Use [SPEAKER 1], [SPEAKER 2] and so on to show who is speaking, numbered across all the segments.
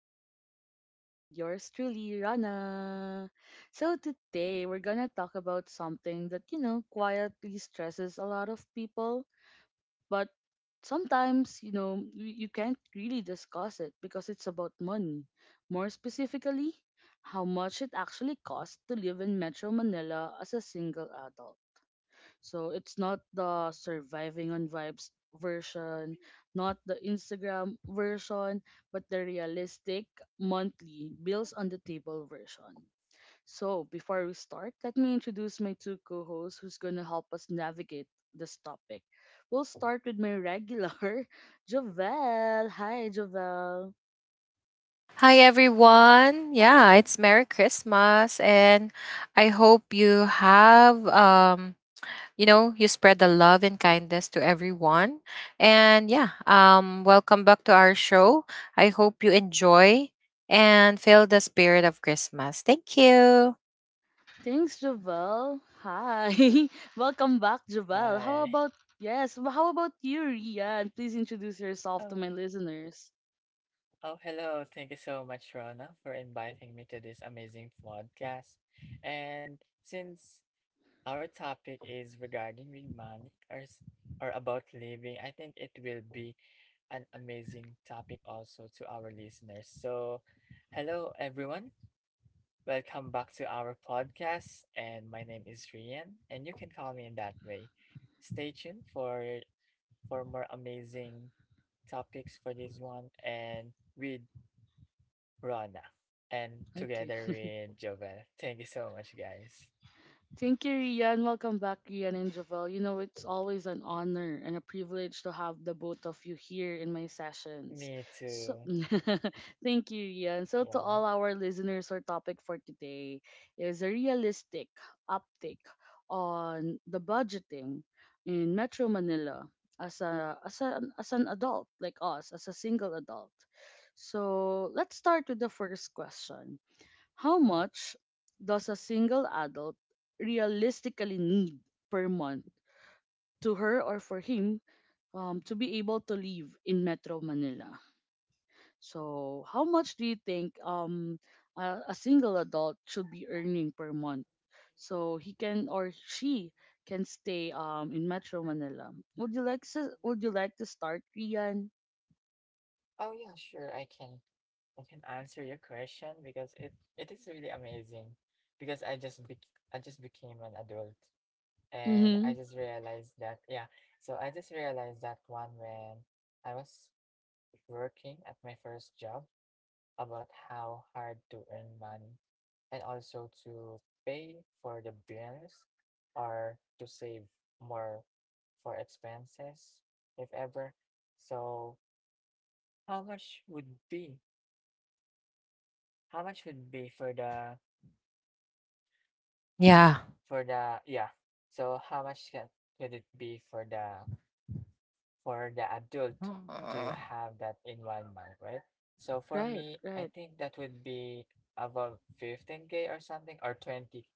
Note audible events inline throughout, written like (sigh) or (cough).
[SPEAKER 1] to Talk with yours truly, Rana. So today we're gonna talk about something that quietly stresses a lot of people, but sometimes you can't really discuss it because it's about money. More specifically, how much it actually costs to live in Metro Manila as a single adult. So it's not the surviving on vibes version, not the Instagram version, but the realistic monthly bills on the table version. So before we start, let me introduce my two co-hosts who's gonna help us navigate this topic. We'll start with my regular, (laughs) Jovel. Hi, Jovel.
[SPEAKER 2] Hi everyone. Yeah, it's Merry Christmas and I hope you have you spread the love and kindness to everyone. And yeah, welcome back to our show. I hope you enjoy and feel the spirit of Christmas. Thank you.
[SPEAKER 1] Thanks, Jovel. Hi. (laughs) Welcome back, Jovel. How
[SPEAKER 3] Hi.
[SPEAKER 1] about Yes, how about you, Rian? Please introduce yourself to
[SPEAKER 3] Oh,
[SPEAKER 1] my listeners.
[SPEAKER 3] oh, hello. Thank you so much, Rona, for inviting me to this amazing podcast. And since our topic is regarding with money or about living, I think it will be an amazing topic also to our listeners. So, hello everyone. Welcome back to our podcast. And my name is Rian, and you can call me in that way. Stay tuned for more amazing topics for this one and with Rana and
[SPEAKER 1] Okay.
[SPEAKER 3] together
[SPEAKER 1] (laughs)
[SPEAKER 3] with Jovel. Thank you so much, guys.
[SPEAKER 1] Thank you, Rian. Welcome back, Rian and Javel. You know, it's always an honor and a privilege to have the both of you here in my sessions.
[SPEAKER 3] Me
[SPEAKER 1] So,
[SPEAKER 3] too.
[SPEAKER 1] (laughs) thank you, Rian. So, to
[SPEAKER 3] Yeah.
[SPEAKER 1] all our listeners, our topic for today is a realistic uptick on the budgeting in Metro Manila as a as an adult like us, as a single adult. So, let's start with the first question, how
[SPEAKER 3] Oh.
[SPEAKER 1] much does a single adult realistically need per month to her or for him, to be able to live in Metro Manila? So, how much do you think a single adult should be earning per month so he can or she can stay in Metro Manila? Would you like to start, Rian?
[SPEAKER 3] Oh yeah. Sure. I can answer your question because it is really amazing because I just became an adult and
[SPEAKER 1] Mm-hmm.
[SPEAKER 3] I just realized that, yeah, so I just realized that one when I was working at my first job about how hard to earn money and also to pay for the bills or to save more for expenses, if ever. So how much would be? How much would be
[SPEAKER 2] Yeah.
[SPEAKER 3] for the yeah? So how much can could it be for the adult to
[SPEAKER 2] Mm.
[SPEAKER 3] have that environment, right? So for
[SPEAKER 1] Right.
[SPEAKER 3] me, I
[SPEAKER 1] Right.
[SPEAKER 3] think that would be above 15K or something, or 20,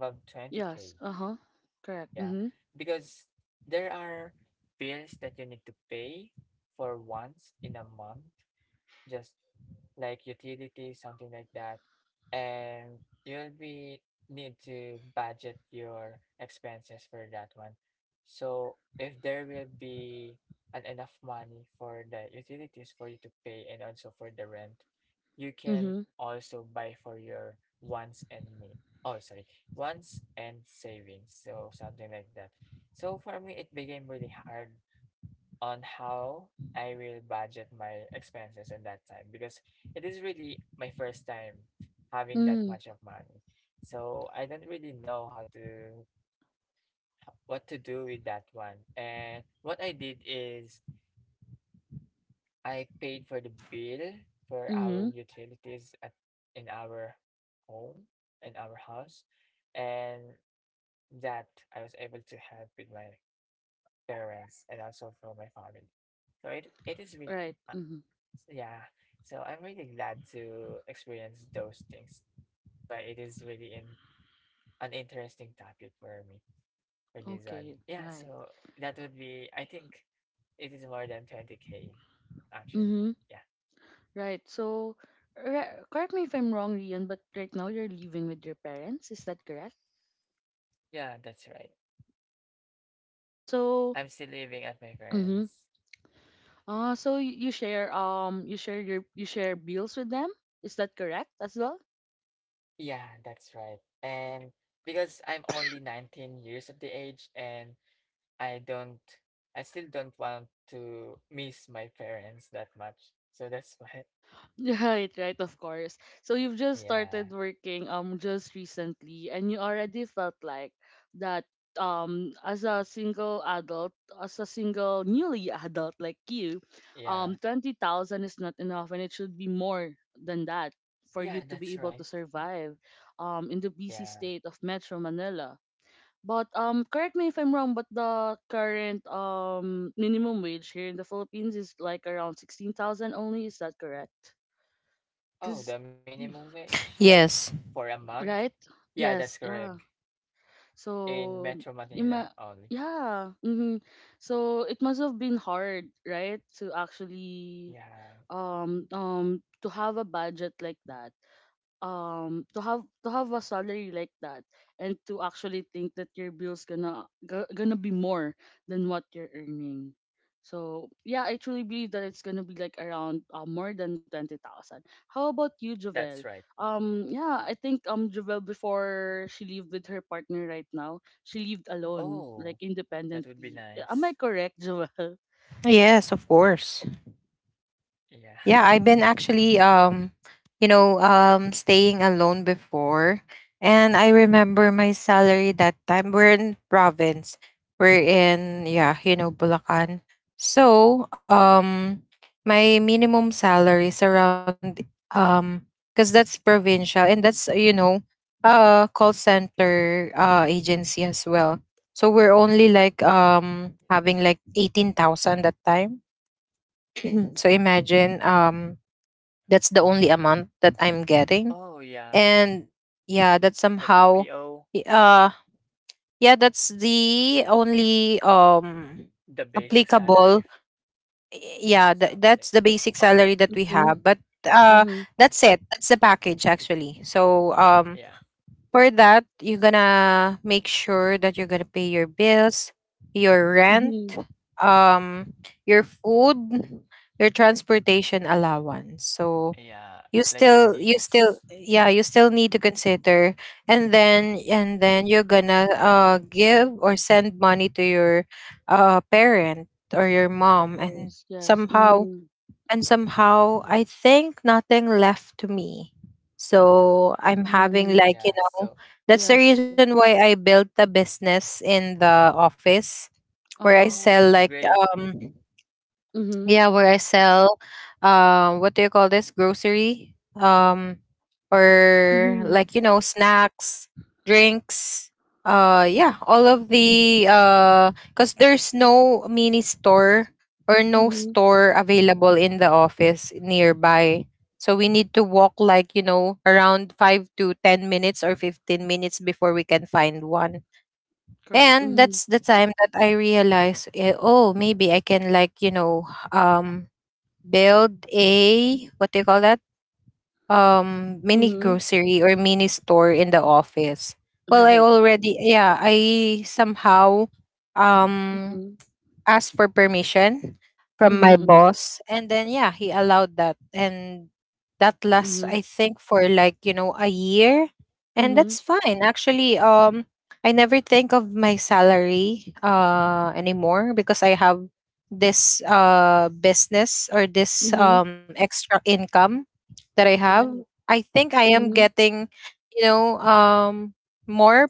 [SPEAKER 3] above
[SPEAKER 1] Yes.
[SPEAKER 3] 20K.
[SPEAKER 1] Uh huh. Correct.
[SPEAKER 3] Yeah,
[SPEAKER 1] Mm-hmm.
[SPEAKER 3] because there are bills that you need to pay for once in a month, just like utilities, something like that. And you'll be need to budget your expenses for that one. So if there will be an enough money for the utilities for you to pay and also for the rent, you can
[SPEAKER 1] Mm-hmm.
[SPEAKER 3] also buy for your wants and need. Oh, sorry, wants and savings. So something like that. So for me, it became really hard on how I will budget my expenses in that time because it is really my first time having that
[SPEAKER 1] Mm-hmm.
[SPEAKER 3] much of money. So I don't really know how to what to do with that one. And what I did is I paid for the bill for our
[SPEAKER 1] Mm-hmm.
[SPEAKER 3] utilities at in our home, in our house. And that I was able to help with my parents and also for my family. So it is really.
[SPEAKER 1] Right. Mm-hmm.
[SPEAKER 3] Yeah. So I'm really glad to experience those things. That's why it is really an interesting topic for me for this one.
[SPEAKER 1] Okay,
[SPEAKER 3] Yeah,
[SPEAKER 1] right.
[SPEAKER 3] so that would be, I think it is more than 20K actually.
[SPEAKER 1] Mm-hmm.
[SPEAKER 3] Yeah.
[SPEAKER 1] Right. So, correct me if I'm wrong, Rian, but right now you're living with your parents. Is that correct?
[SPEAKER 3] Yeah, that's right.
[SPEAKER 1] So,
[SPEAKER 3] I'm still living at my
[SPEAKER 1] mm-hmm.
[SPEAKER 3] parents.
[SPEAKER 1] So you share you share bills with them. Is that correct as well?
[SPEAKER 3] Yeah, that's right. And because I'm only 19 years of the age and I don't I still don't want to miss my parents that much. So that's (laughs) why.
[SPEAKER 1] Right, right, of course. So you've just
[SPEAKER 3] Yeah.
[SPEAKER 1] started working just recently and you already felt like that as a single adult, as a single newly (laughs) adult like you,
[SPEAKER 3] Yeah,
[SPEAKER 1] 20,000 is not enough and it should be more than that for you
[SPEAKER 3] yeah,
[SPEAKER 1] to be
[SPEAKER 3] that's
[SPEAKER 1] able to
[SPEAKER 3] right.
[SPEAKER 1] survive in the busy
[SPEAKER 3] Yeah.
[SPEAKER 1] state of Metro Manila. But correct me if I'm wrong, but the current minimum wage here in the Philippines is like around 16,000 only, is that correct?
[SPEAKER 3] Oh,
[SPEAKER 1] Cause
[SPEAKER 3] the minimum wage, like
[SPEAKER 2] Yes.
[SPEAKER 3] for a month?
[SPEAKER 1] Right?
[SPEAKER 3] Yeah, that's
[SPEAKER 1] Yes,
[SPEAKER 3] correct.
[SPEAKER 1] yeah.
[SPEAKER 3] In
[SPEAKER 1] So
[SPEAKER 3] Metro Manila
[SPEAKER 1] ima-
[SPEAKER 3] only.
[SPEAKER 1] yeah. So it must have been hard, right? To actually
[SPEAKER 3] Yeah,
[SPEAKER 1] to have a budget like that. To have a salary like that and to actually think that your bills gonna be more than what you're earning. So yeah, I truly believe that it's gonna be like around more than 20,000. How about you,
[SPEAKER 3] that's
[SPEAKER 1] Javel?
[SPEAKER 3] right.
[SPEAKER 1] Yeah, I think Javel, before she lived with her partner, right now she lived alone,
[SPEAKER 3] Oh,
[SPEAKER 1] like
[SPEAKER 3] that would be
[SPEAKER 1] independently. Am
[SPEAKER 3] nice.
[SPEAKER 1] I correct, Javel? (laughs)
[SPEAKER 2] Yes, of course.
[SPEAKER 3] Yeah. (laughs)
[SPEAKER 2] Yeah, I've been actually staying alone before, and I remember my salary that time. We're in province. We're in, yeah, you know, Bulacan. So, my minimum salary is around cuz that's provincial and that's, you know, call center agency as well. So we're only like having like 18,000 that time. (clears throat) So imagine, that's the only amount that I'm getting.
[SPEAKER 3] Oh, yeah.
[SPEAKER 2] And yeah, that's
[SPEAKER 3] The
[SPEAKER 2] somehow
[SPEAKER 3] BPO,
[SPEAKER 2] y- uh yeah, that's the only
[SPEAKER 3] the basic salary
[SPEAKER 2] applicable—
[SPEAKER 3] or
[SPEAKER 2] yeah,
[SPEAKER 3] something.
[SPEAKER 2] that's the basic
[SPEAKER 3] Oh,
[SPEAKER 2] salary that we
[SPEAKER 1] Mm-hmm.
[SPEAKER 2] have. But uh
[SPEAKER 1] Mm-hmm.
[SPEAKER 2] that's it. That's the package actually. So
[SPEAKER 3] yeah.
[SPEAKER 2] for that, you're gonna make sure that you're gonna pay your bills, your rent,
[SPEAKER 1] Mm-hmm.
[SPEAKER 2] um your food, your transportation allowance. So
[SPEAKER 3] Yeah,
[SPEAKER 2] you
[SPEAKER 3] like your
[SPEAKER 2] still you still
[SPEAKER 3] needs.
[SPEAKER 2] yeah, you still need to consider, and then you're gonna give or send money to your parent or your
[SPEAKER 1] Of
[SPEAKER 2] mom. And
[SPEAKER 1] course. Yes.
[SPEAKER 2] somehow— and somehow I think nothing left to me. So I'm having,
[SPEAKER 1] Oh.
[SPEAKER 2] like, you
[SPEAKER 3] Yeah,
[SPEAKER 2] know,
[SPEAKER 3] so,
[SPEAKER 2] that's the
[SPEAKER 1] Yes,
[SPEAKER 2] reason why
[SPEAKER 1] yes.
[SPEAKER 2] I built the business in the office where I
[SPEAKER 1] Uh-huh.
[SPEAKER 3] oh,
[SPEAKER 2] sell
[SPEAKER 3] that's
[SPEAKER 2] like
[SPEAKER 3] great.
[SPEAKER 2] um
[SPEAKER 1] Mhm.
[SPEAKER 2] yeah, where I sell, what do you call this? Grocery? Or, like,
[SPEAKER 1] Mhm.
[SPEAKER 2] you know, snacks, drinks. Yeah, all of the, cuz there's no mini store or no
[SPEAKER 1] Mhm.
[SPEAKER 2] store available in the office nearby. So we need to walk, like, you know, around 5 to 10 minutes or 15 minutes before we can find one.
[SPEAKER 1] Correct.
[SPEAKER 2] And
[SPEAKER 1] Mhm.
[SPEAKER 2] that's the time that I realized, eh, oh, maybe I can, like, you know, um build a, what do you call that, mini
[SPEAKER 1] Mhm.
[SPEAKER 2] grocery or mini store in the office. Well, I
[SPEAKER 1] Right.
[SPEAKER 2] already yeah I somehow um
[SPEAKER 1] Mhm.
[SPEAKER 2] asked for permission from my
[SPEAKER 1] Mhm.
[SPEAKER 2] boss, and then yeah, he allowed that, and that
[SPEAKER 1] Mhm.
[SPEAKER 2] lasts, I
[SPEAKER 1] Mhm.
[SPEAKER 2] think, for like, you know, a year. And
[SPEAKER 1] Mhm.
[SPEAKER 2] that's fine actually. I never think of my salary anymore because I have this business or this
[SPEAKER 1] Mhm.
[SPEAKER 2] extra income that I have.
[SPEAKER 1] Right.
[SPEAKER 2] I think I am
[SPEAKER 1] Mhm.
[SPEAKER 2] getting, you know, more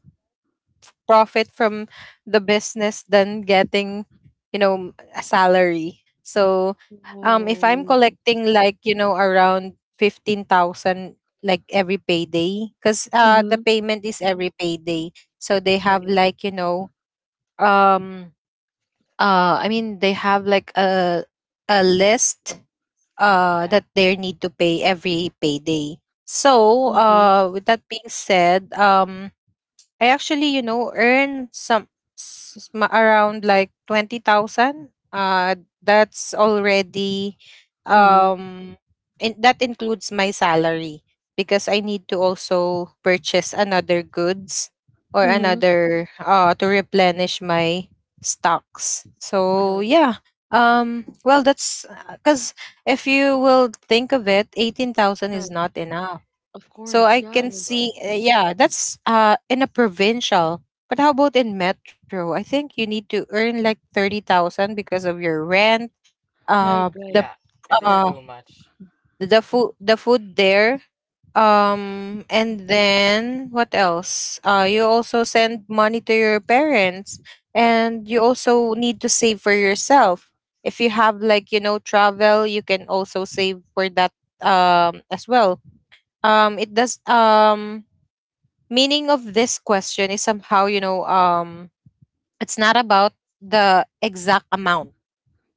[SPEAKER 2] profit from the business than getting, you know, a salary. So if I'm
[SPEAKER 1] Oh,
[SPEAKER 2] collecting, like, you know, around 15,000 like every payday, cuz the
[SPEAKER 1] mhm.
[SPEAKER 2] payment is every payday. So they have
[SPEAKER 1] Right.
[SPEAKER 2] like, you know, um I mean, they have like a list
[SPEAKER 3] Yeah,
[SPEAKER 2] that they need to pay every payday. So
[SPEAKER 1] Mhm.
[SPEAKER 2] with that being said, I actually, you know, earn some around like 20,000. That's already
[SPEAKER 1] Mhm.
[SPEAKER 2] um that includes my salary, because I need to also purchase another goods or
[SPEAKER 1] Mhm.
[SPEAKER 2] another, to replenish my stocks. So,
[SPEAKER 1] Right.
[SPEAKER 2] yeah. Well, that's cuz, if you will think of it, 18,000 is
[SPEAKER 1] Right.
[SPEAKER 2] not enough.
[SPEAKER 1] Of
[SPEAKER 2] So
[SPEAKER 1] course.
[SPEAKER 2] I can
[SPEAKER 3] that's
[SPEAKER 1] Yes.
[SPEAKER 2] see,
[SPEAKER 3] right.
[SPEAKER 2] yeah, that's in a provincial. But how about in metro? I think you need to earn like 30,000 because of your rent.
[SPEAKER 1] Right.
[SPEAKER 2] Uh,
[SPEAKER 1] Right.
[SPEAKER 2] the
[SPEAKER 3] Yeah, it is
[SPEAKER 1] Correct.
[SPEAKER 2] uh,
[SPEAKER 3] too much.
[SPEAKER 2] the food, the food there. And then what else? You also send money to your parents, and you also need to save for yourself. If you have, like, you know, travel, you can also save for that as well. It does Meaning of this question is somehow, you know, it's not about the exact amount.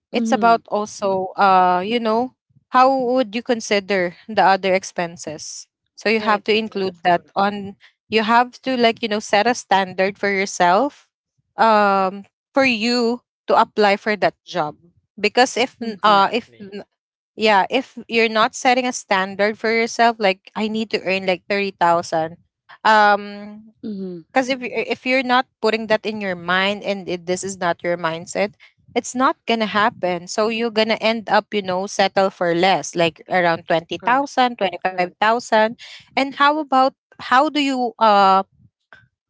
[SPEAKER 2] It's
[SPEAKER 1] Mhm.
[SPEAKER 2] about also, you know, how would you consider the other expenses? So you
[SPEAKER 1] Right.
[SPEAKER 2] have to
[SPEAKER 1] Right. Of
[SPEAKER 2] include that
[SPEAKER 1] course.
[SPEAKER 2] on— you have to, like, you know, set a standard for yourself, um for you to apply for that job. Because
[SPEAKER 1] Mhm.
[SPEAKER 2] if
[SPEAKER 3] Exactly.
[SPEAKER 2] n- yeah, if you're not setting a standard for yourself, like, I need to earn like 30,000, um
[SPEAKER 1] Mhm.
[SPEAKER 2] because if if you're not putting that in your mind, and if this is not your mindset, it's not gonna happen. So you're gonna end up, you know, settle for less, like around twenty
[SPEAKER 1] Correct.
[SPEAKER 2] thousand, twenty five
[SPEAKER 1] Correct.
[SPEAKER 2] thousand. And how about, how do you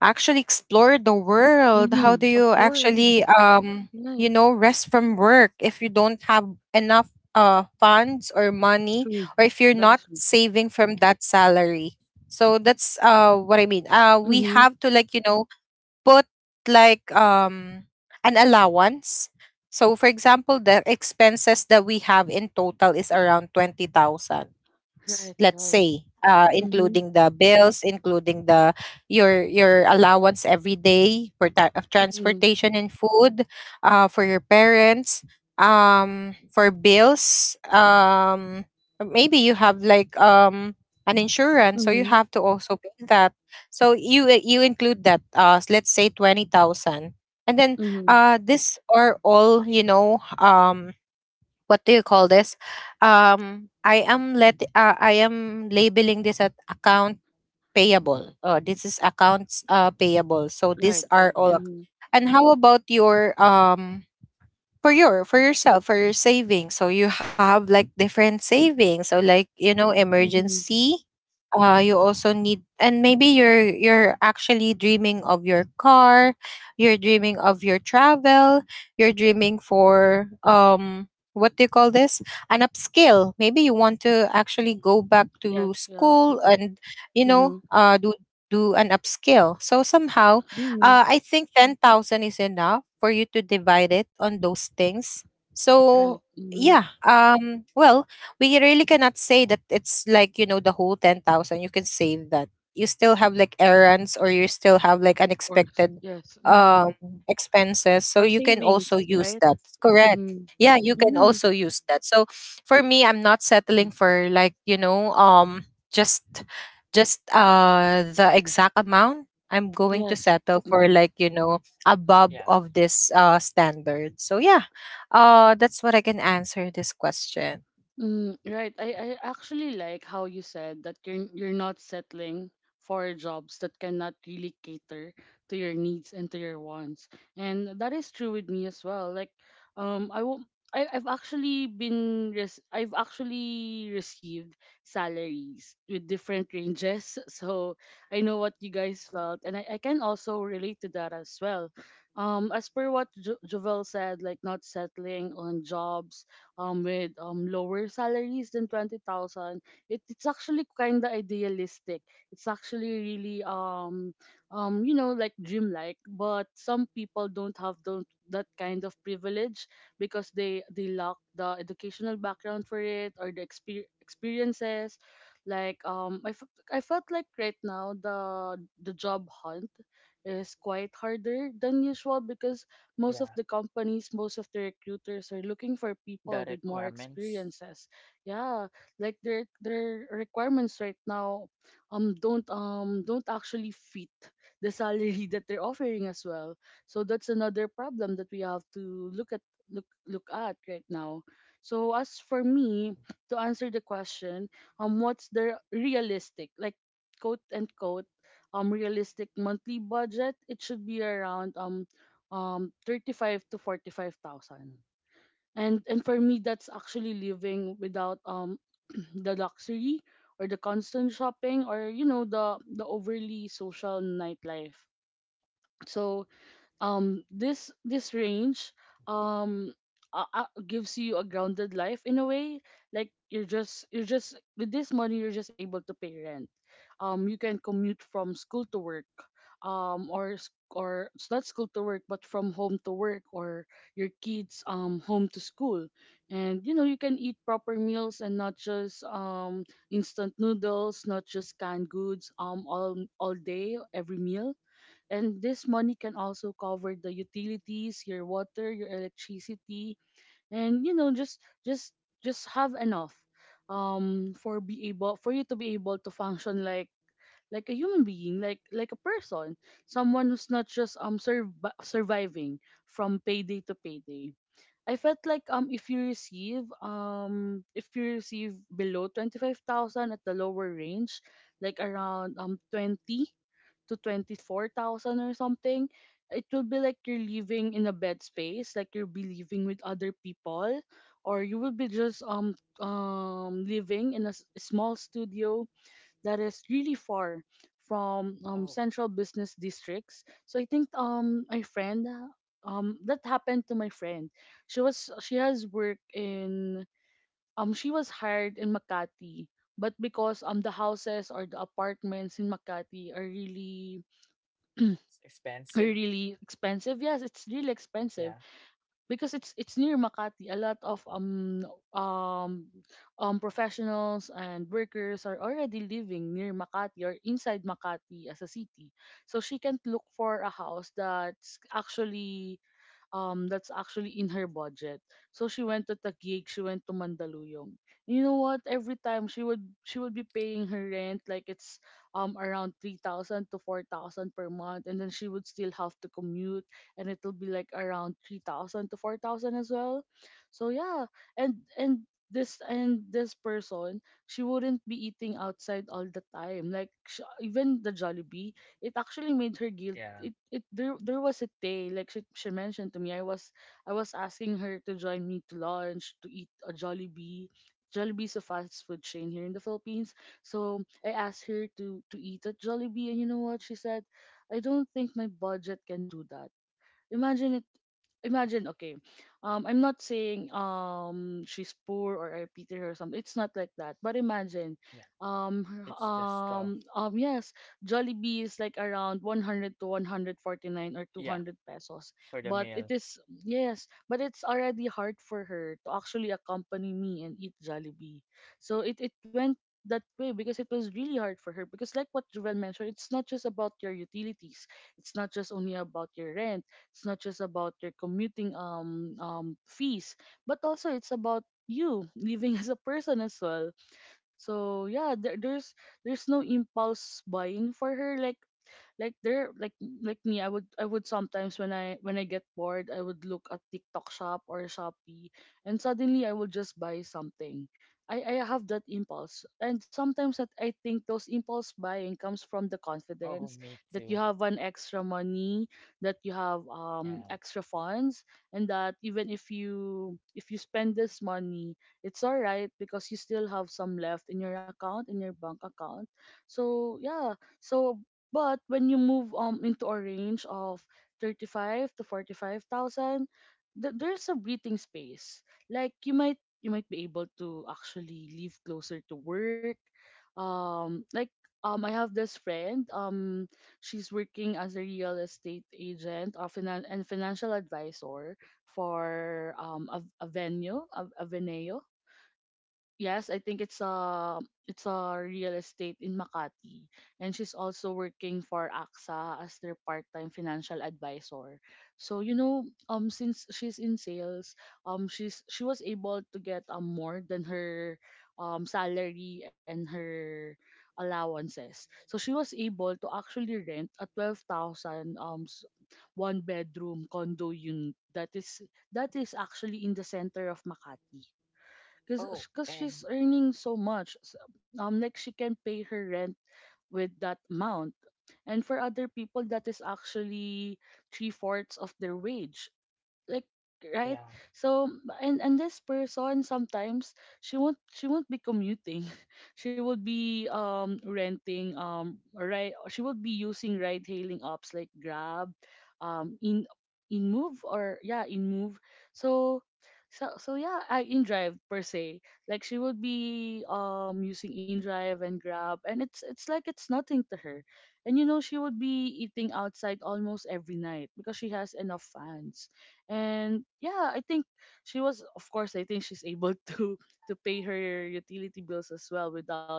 [SPEAKER 2] actually explore the world? How
[SPEAKER 1] Mhm.
[SPEAKER 2] do
[SPEAKER 1] Of
[SPEAKER 2] you
[SPEAKER 1] course.
[SPEAKER 2] actually
[SPEAKER 1] Right.
[SPEAKER 2] you know, rest from work if you don't have enough funds or money,
[SPEAKER 1] True.
[SPEAKER 2] or if you're
[SPEAKER 1] That
[SPEAKER 2] not
[SPEAKER 1] is true.
[SPEAKER 2] saving from that salary? So that's what I mean. Uh, we
[SPEAKER 1] Mhm.
[SPEAKER 2] have to, like, you know, put like an allowance. So for example, the expenses that we have in total is around 20,000,
[SPEAKER 1] Right.
[SPEAKER 2] let's
[SPEAKER 1] Right.
[SPEAKER 2] say, including the bills, including the your allowance every day for ta- of
[SPEAKER 1] Mhm,
[SPEAKER 2] transportation and food, for your parents, for bills, maybe you have like, an insurance, so you
[SPEAKER 1] mhm.
[SPEAKER 2] have to also pay that. So you— you include that, let's say 20,000. And then,
[SPEAKER 1] mhm.
[SPEAKER 2] this are all, you know, what do you call this, I am let— I am labeling this at account payable. Uh, this is accounts, payable. So these
[SPEAKER 1] Right,
[SPEAKER 2] are
[SPEAKER 1] right.
[SPEAKER 2] all
[SPEAKER 3] Yeah,
[SPEAKER 1] Mhm,
[SPEAKER 2] and how about your for your, for yourself, for your savings? So you have like different savings, so like, you know,
[SPEAKER 1] mhm.
[SPEAKER 2] emergency, you also need. And maybe you're actually dreaming of your car, you're dreaming of your travel, you're dreaming for, what do you call this, an upskill. Maybe you want to actually go back
[SPEAKER 1] Yes,
[SPEAKER 2] to
[SPEAKER 1] yes.
[SPEAKER 2] school and, you
[SPEAKER 1] Mhm,
[SPEAKER 2] know, do an upskill. So somehow,
[SPEAKER 1] mhm.
[SPEAKER 2] I think 10,000 is enough for you to divide it on those things.
[SPEAKER 1] Right.
[SPEAKER 2] So,
[SPEAKER 1] Mhm.
[SPEAKER 2] yeah, well, we really cannot
[SPEAKER 3] yeah,
[SPEAKER 2] say that it's like, you know, the whole 10,000 you can save that. You still have like errands, or you still have like
[SPEAKER 1] Of course.
[SPEAKER 2] unexpected
[SPEAKER 1] Yes. Mhm.
[SPEAKER 2] um expenses. So
[SPEAKER 1] Or
[SPEAKER 2] you can
[SPEAKER 1] savings,
[SPEAKER 2] also use
[SPEAKER 1] right?
[SPEAKER 2] that. Correct.
[SPEAKER 1] Mhm,
[SPEAKER 2] Yeah, you can
[SPEAKER 1] mhm.
[SPEAKER 2] also use that. So for me, I'm not settling for like, you know, just just, the exact amount. I'm going to
[SPEAKER 1] Yes.
[SPEAKER 2] settle for
[SPEAKER 1] Mhm.
[SPEAKER 2] like, you know,
[SPEAKER 3] yeah,
[SPEAKER 2] above of this standard. So yeah, that's what I can answer this question.
[SPEAKER 1] Mm, right. I actually like how you said that you're not settling for jobs that cannot really cater to your needs and to your wants. And that is true with me as well. Like I will I've actually received salaries with different ranges. (laughs) So I know what you guys felt, and I can also relate to that as well. As per what Jovel said, like not settling on jobs with lower salaries than 20,000, it, it's actually kind of idealistic. It's actually really you know, like dream like but some people don't have those that kind of privilege because they lack the educational background for it or the experiences. Like I felt like right now, the job hunt is quite harder than usual because most of
[SPEAKER 3] yeah.
[SPEAKER 1] the companies, most of the recruiters are looking for
[SPEAKER 3] The
[SPEAKER 1] people with more
[SPEAKER 3] requirements.
[SPEAKER 1] experiences. Yeah, like their requirements right now don't actually fit the salary (laughs) that they're offering as well. So that's another problem that we have to look, look at right now. So as for me, to answer the question, what's the realistic, like quote and quote realistic monthly budget, it should be around 35 to 45,000. And for me, that's actually living without (clears throat) the luxury or the constant shopping or, you know, the overly social nightlife. So this this range um gives you a grounded life in a way. Like you're just, with this money you're just able to pay rent, you can commute from school to work, or or it's not school to work, but from home to work, or your kids home to school. And you know, you can eat proper meals and not just instant noodles, not just canned goods, all day, every meal. And this money can also cover the utilities, your water, your electricity, and you know, just have enough for be able for you to be able to function like a human being, like a person, someone who's not just surviving from payday to payday. I felt like if you receive below 25,000 at the lower range, like around 20 to 24,000 or something, it will be like you're living in a bed space. Like you'll be living with other people, or you will be just living in a small studio that is really far from
[SPEAKER 3] Oh,
[SPEAKER 1] central business districts. So I think my friend that happened to my friend. She has work in she was hired in Makati, but because the houses or the apartments in Makati are
[SPEAKER 3] it's expensive.
[SPEAKER 1] really expensive. Yes, it's really expensive
[SPEAKER 3] Yeah,
[SPEAKER 1] because it's near Makati. A lot of um professionals and workers are already living near Makati or inside Makati as a city. So she can't look for a house that's actually, that's actually in her budget. So she went to Taguig, she went to Mandaluyong. You know what? Every time she would be paying her rent, like it's around 3,000 to 4,000 per month, and then she would still have to commute and it'll be like around 3,000 to 4,000 as well. So yeah, and and this person, she wouldn't be eating outside all the time. Like even the Jollibee, it actually made her guilt.
[SPEAKER 3] yeah,
[SPEAKER 1] It There there was a day, like she mentioned to me, I was I was asking her to join me to lunch to eat a Jollibee. Jollibee is a fast food chain here in the Philippines. So I asked her to eat at Jollibee, and you know what she said? I don't think my budget can do that. Imagine, imagine. Okay, I'm not saying she's poor or I pity her or something. It's not like that, but imagine
[SPEAKER 3] yeah. It's just tough.
[SPEAKER 1] yes, Jollibee is like around 100 to 149 or
[SPEAKER 3] Yeah,
[SPEAKER 1] 200 pesos,
[SPEAKER 3] for the
[SPEAKER 1] but it
[SPEAKER 3] meal.
[SPEAKER 1] is, yes, but it's already hard for her to actually accompany me and eat Jollibee. So it went that way because it was really hard for her, because like what Jovel mentioned, it's not just about your utilities, it's not just only about your rent, it's not just about your commuting fees, but also it's about you living (laughs) as a person as well. So yeah, there's no impulse buying for her. Like there, like me I would I would sometimes when I get bored, I would look at TikTok Shop or Shopee, and suddenly I would just buy something. I have that impulse, and sometimes that I think those impulse buying comes from the
[SPEAKER 3] Oh,
[SPEAKER 1] confidence
[SPEAKER 3] me
[SPEAKER 1] that you
[SPEAKER 3] too.
[SPEAKER 1] have an extra money, that you have
[SPEAKER 3] Yeah.
[SPEAKER 1] extra funds, and that even if you spend this money, it's all right because you still have some left in your account, in your bank account. So yeah, so but when you move into a range of 35 to 45,000, there's a breathing space. Like you might be able to actually live closer to work. Um like I have this friend, she's working as a real estate agent and financial advisor for a venue. Yes, I think it's a real estate in Makati, and she's also working for AXA as their part-time financial advisor. So since she's in sales, she was able to get more than her salary and her allowances. So she was able to actually rent a 12,000 one bedroom condo unit that is actually in the center of Makati because
[SPEAKER 3] Oh,
[SPEAKER 1] cause she's
[SPEAKER 3] and
[SPEAKER 1] earning so much like she can pay her rent with that amount, and for other people that is actually three-fourths of their wage, like right.
[SPEAKER 3] yeah,
[SPEAKER 1] So and this person sometimes she won't be commuting (laughs) she would be renting right, she would be using ride hailing apps like Grab, um in in Move, or yeah, in Move. So so so yeah, I in Drive per se, like she would be using in Drive and Grab, and it's like it's nothing to her. And you know, she would be eating outside almost every night because she has enough fans and yeah, I think she was, of course, I think she's able (laughs) to pay her utility bills as well without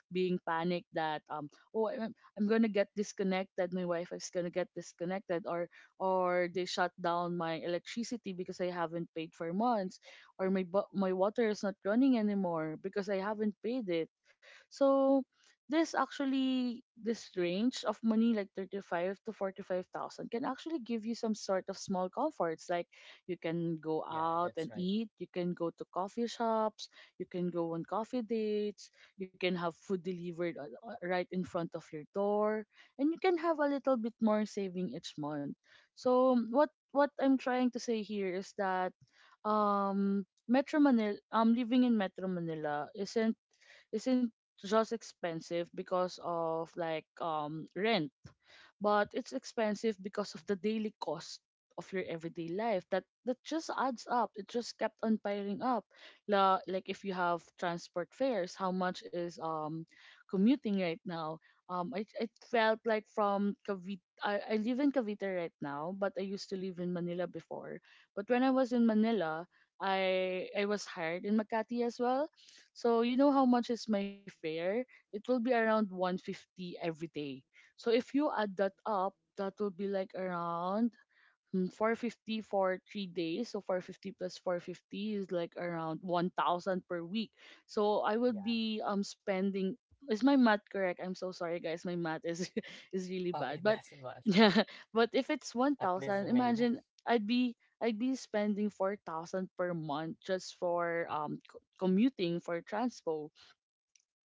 [SPEAKER 1] being panicked that oh i'm, I'm gonna get disconnected, my wi-fi is gonna get disconnected, or they shut down my electricity because I haven't paid for months, or my water is not running anymore because I haven't paid it. So this actually, this range of money, like 35 to 45,000, can actually give you some sort of small comforts, like you can go
[SPEAKER 3] yeah,
[SPEAKER 1] out and
[SPEAKER 3] that's right.
[SPEAKER 1] eat, you can go to coffee shops, you can go on coffee dates, you can have food delivered right in front of your door, and you can have a little bit more saving each month. So what I'm trying to say here is that Metro Manila living in Metro Manila isn't isn't just expensive because of like rent, but it's expensive because of the daily cost of your everyday life that that just adds up, it just kept on piling up. Like if you have transport fares, how much is commuting right now? I It felt like, from Cavite, I live in Cavite right now, but I used to live in Manila before. But when I was in Manila, I was hired in Makati as well. So you know how much is my fare? It will be around 150 every day. So if you add that up, that will be like around 450 for 3 days. So 450 plus 450 is like around 1,000 per week. So I would
[SPEAKER 3] Yeah.
[SPEAKER 1] be spending. Is my math correct? I'm so sorry, guys. My math is (laughs) is really
[SPEAKER 3] Oh,
[SPEAKER 1] bad.
[SPEAKER 3] it
[SPEAKER 1] But
[SPEAKER 3] doesn't matter. (laughs)
[SPEAKER 1] (laughs) yeah, but if it's
[SPEAKER 3] At least
[SPEAKER 1] 1,000,
[SPEAKER 3] you made it.
[SPEAKER 1] imagine I'd be I'd be spending 4,000 per month just for commuting, for transport.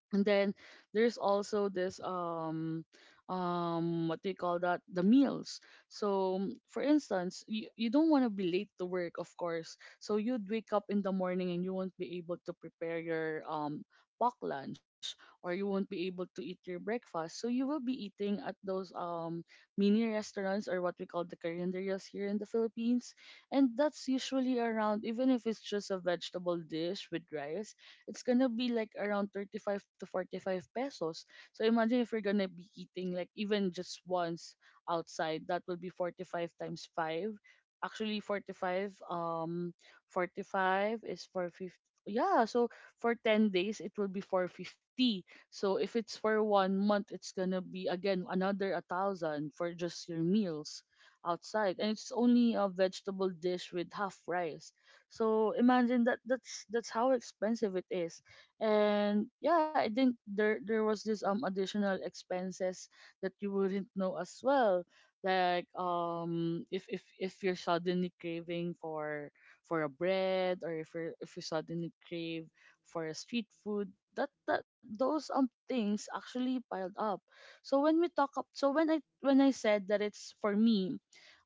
[SPEAKER 1] And then there's also this what do you call that? The meals. So for instance, you don't want to be late to work, of course. So you'd wake up in the morning and you won't be able to prepare your pack lunch, or you won't be able to eat your breakfast. So you will be eating at those mini restaurants, or what we call the carinderias, here in the Philippines. And that's usually around, even if it's just a vegetable dish with rice, it's gonna be like around 35 to 45 pesos. So imagine if you're gonna be eating like even just once outside, that will be 45 times 5. Actually 45 45 is 450. Yeah, so for 10 days it will be 450. So if it's for 1 month, it's gonna be again another 1,000 for just your meals outside, and it's only a vegetable dish with half rice. So imagine that, that's how expensive it is. And yeah, I think there was this additional expenses that you wouldn't know as well. Like if if you're suddenly craving for a bread, or if you suddenly crave for a street food, that that those things actually piled up. So when we talk up, so when I said that, it's for me,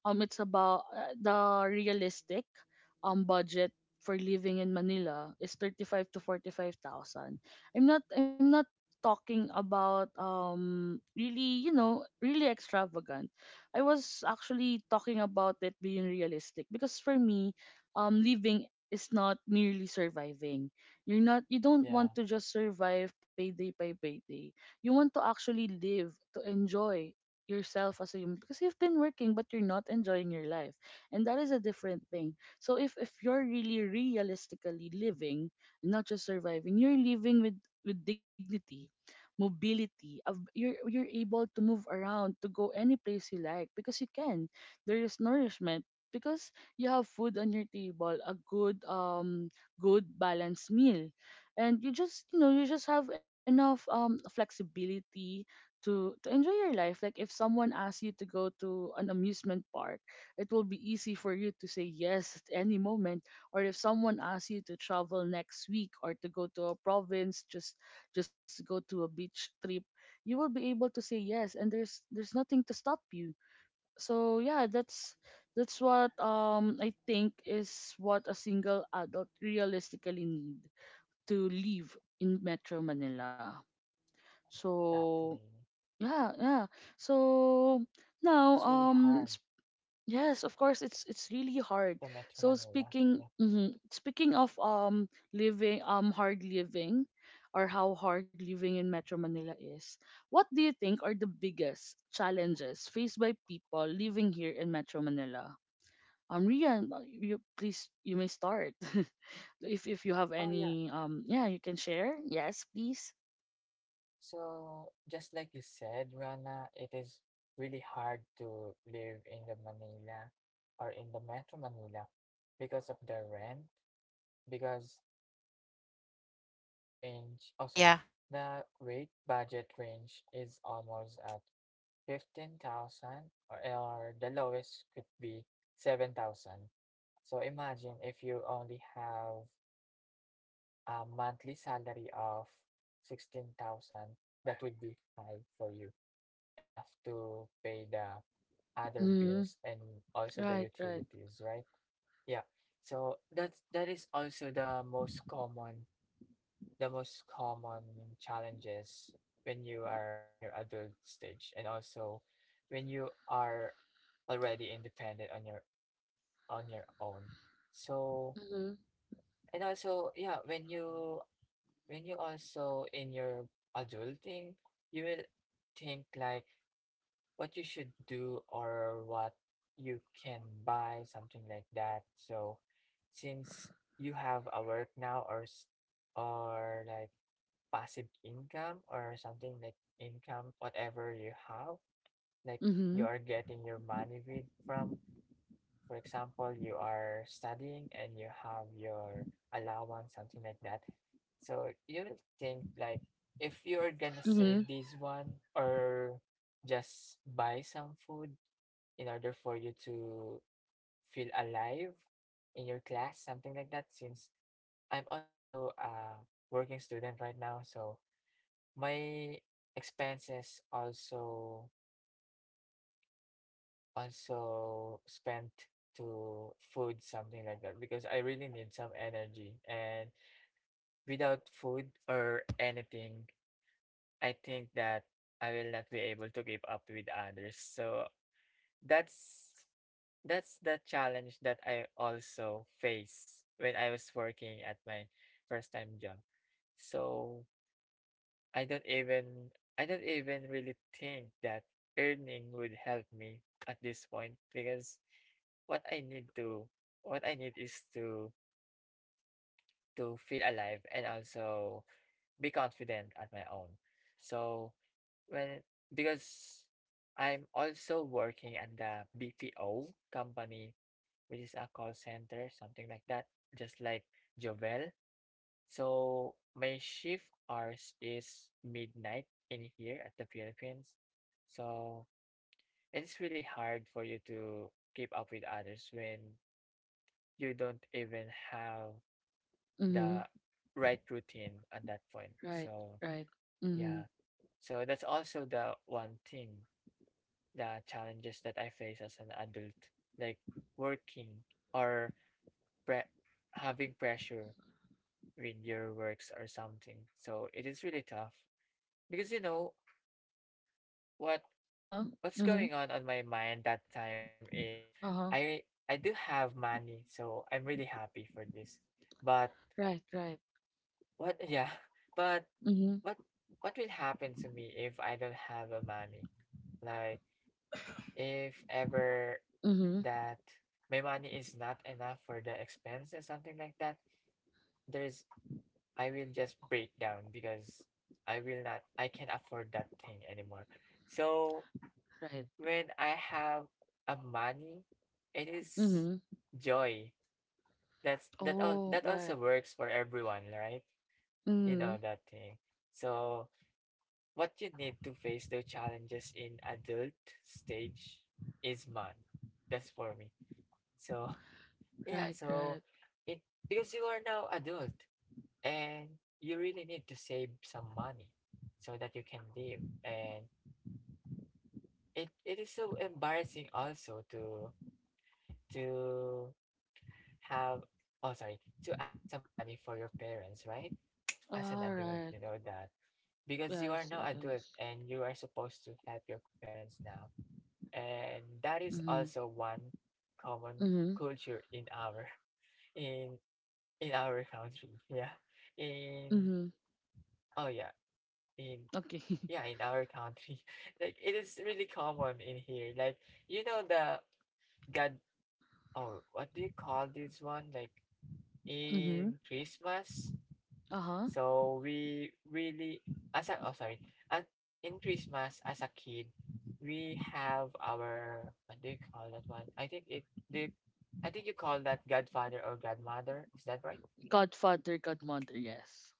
[SPEAKER 1] it's about the realistic budget for living in Manila is 35 to 45,000. I'm not talking about really, you know, really extravagant. I was actually talking about it being realistic because for me, living is not merely surviving. You don't
[SPEAKER 3] Yeah,
[SPEAKER 1] want to just survive payday by payday. You want to actually live, to enjoy yourself as a human, because you've been working but you're not enjoying your life, and that is a different thing. So if you're really realistically living, not just surviving, you're living with dignity, mobility. You're able to move around, to go any place you like because you can. There is nourishment because you have food on your table, a good good balanced meal, and you just have enough flexibility to enjoy your life. Like if someone asks you to go to an amusement park, it will be easy for you to say yes at any moment, or if someone asks you to travel next week, or to go to a province, just to go to a beach trip, you will be able to say yes, and there's nothing to stop you. So yeah, that's what I think is what a single adult realistically need to live in Metro Manila.
[SPEAKER 3] exactly.
[SPEAKER 1] So yeah, yeah. So
[SPEAKER 3] It's
[SPEAKER 1] now
[SPEAKER 3] really hard.
[SPEAKER 1] Yes, of course, it's really
[SPEAKER 3] The
[SPEAKER 1] hard.
[SPEAKER 3] Metro
[SPEAKER 1] So
[SPEAKER 3] Manila.
[SPEAKER 1] speaking,
[SPEAKER 3] Yeah.
[SPEAKER 1] mhm, speaking of living, hard living, or how hard living in Metro Manila is, what do you think are the biggest challenges faced by people living here in Metro Manila? Rian, you please, you may start. (laughs) If you have
[SPEAKER 3] Oh yeah.
[SPEAKER 1] any yeah, you can share. Yes, please.
[SPEAKER 3] So, just like you said, Rana, it is really hard to live in the Manila or in the Metro Manila because of the rent, because the rent range, oh, sorry,
[SPEAKER 2] Yeah.
[SPEAKER 3] the rate budget range is almost at 15,000, or the lowest could be 7,000. So imagine if you only have a monthly salary of 16,000, that would be high for you enough to pay the other
[SPEAKER 1] Mm,
[SPEAKER 3] bills and also the
[SPEAKER 1] right, right.
[SPEAKER 3] utilities, right? Yeah. So that is also the most common, the most common challenges when you are in your adult stage and also when you are already independent on your own. So
[SPEAKER 1] Mhm.
[SPEAKER 3] and also, yeah, when you also in your adulting, you will think like what you should do or what you can buy, something like that. So since you have a work now or or like passive income or something like income, whatever you have, like you
[SPEAKER 1] Mhm.
[SPEAKER 3] are getting your money with from, for example, you are studying and you have your allowance, something like that. So you'll think like if you're gonna
[SPEAKER 1] Mhm.
[SPEAKER 3] save this one or just buy some food in order for you to feel alive in your class, something like that. Since I'm also a working student right now, so my expenses also spent to food, something like that, because I really need some energy. And without food or anything, I think that I will not be able to keep up with others. So That's that's the challenge that I also face when I was working at my first time job. So I don't even I don't even really think that earning would help me at this point because what I need to what I need is to feel alive and also be confident at my own. So well, because I'm also working at the BPO company, which is a call center, something like that, just like Jovel. So my shift hours is midnight in here at the Philippines. So it's really hard for you to keep up with others when you don't even have
[SPEAKER 1] Mhm.
[SPEAKER 3] the right routine at that point.
[SPEAKER 1] Right,
[SPEAKER 3] So
[SPEAKER 1] right. Mhm.
[SPEAKER 3] yeah. So that's also the one thing, the challenges that I face as an adult, like working or pre- having pressure with your works or something. So it is really tough because you know what
[SPEAKER 1] Uh-huh.
[SPEAKER 3] what's
[SPEAKER 1] Mm-hmm.
[SPEAKER 3] going on my mind that time is
[SPEAKER 1] Uh-huh.
[SPEAKER 3] I I do have money, so I'm really happy for this. But
[SPEAKER 1] Right, right.
[SPEAKER 3] what yeah, (laughs) but
[SPEAKER 1] Mm-hmm.
[SPEAKER 3] what what will happen to me if I don't have a money? Like if ever
[SPEAKER 1] Mm-hmm.
[SPEAKER 3] that my money is not enough for the expenses, something like that, there's I will just break down because I will not, I can't afford that thing anymore. So
[SPEAKER 1] Right.
[SPEAKER 3] when I have a money, it is
[SPEAKER 1] Mm-hmm.
[SPEAKER 3] joy. That's that all
[SPEAKER 1] Oh,
[SPEAKER 3] that also
[SPEAKER 1] right.
[SPEAKER 3] works for everyone, right? You know
[SPEAKER 1] Mm-hmm.
[SPEAKER 3] that thing. So what you need to face the challenges in adult stage is money. That's for me. So yeah,
[SPEAKER 1] Right,
[SPEAKER 3] so
[SPEAKER 1] right.
[SPEAKER 3] it, because you are now adult and you really need to save some money so that you can live. And it is so embarrassing also to have, oh sorry, to ask some money for your parents, right? As an
[SPEAKER 1] All
[SPEAKER 3] adult, you
[SPEAKER 1] right.
[SPEAKER 3] know that. Because you are
[SPEAKER 1] Yes,
[SPEAKER 3] now adult
[SPEAKER 1] yes.
[SPEAKER 3] and you are supposed to help your parents now. And that is
[SPEAKER 1] Mm-hmm.
[SPEAKER 3] also one common
[SPEAKER 1] Mm-hmm.
[SPEAKER 3] culture in our (laughs) in in our country, yeah, in
[SPEAKER 1] Mm-hmm.
[SPEAKER 3] oh yeah, in
[SPEAKER 1] Okay.
[SPEAKER 3] yeah, in our country. (laughs) Like it is really common in here, like you know the god, oh, what do you call this one, like
[SPEAKER 1] (laughs) mm-hmm.
[SPEAKER 3] in Christmas.
[SPEAKER 1] Uh-huh.
[SPEAKER 3] So we really, as a, oh sorry, and in Christmas as a kid, we have our, what do you call that one, I think I think you call that godfather or godmother, is that right?
[SPEAKER 1] Godfather, godmother, yes.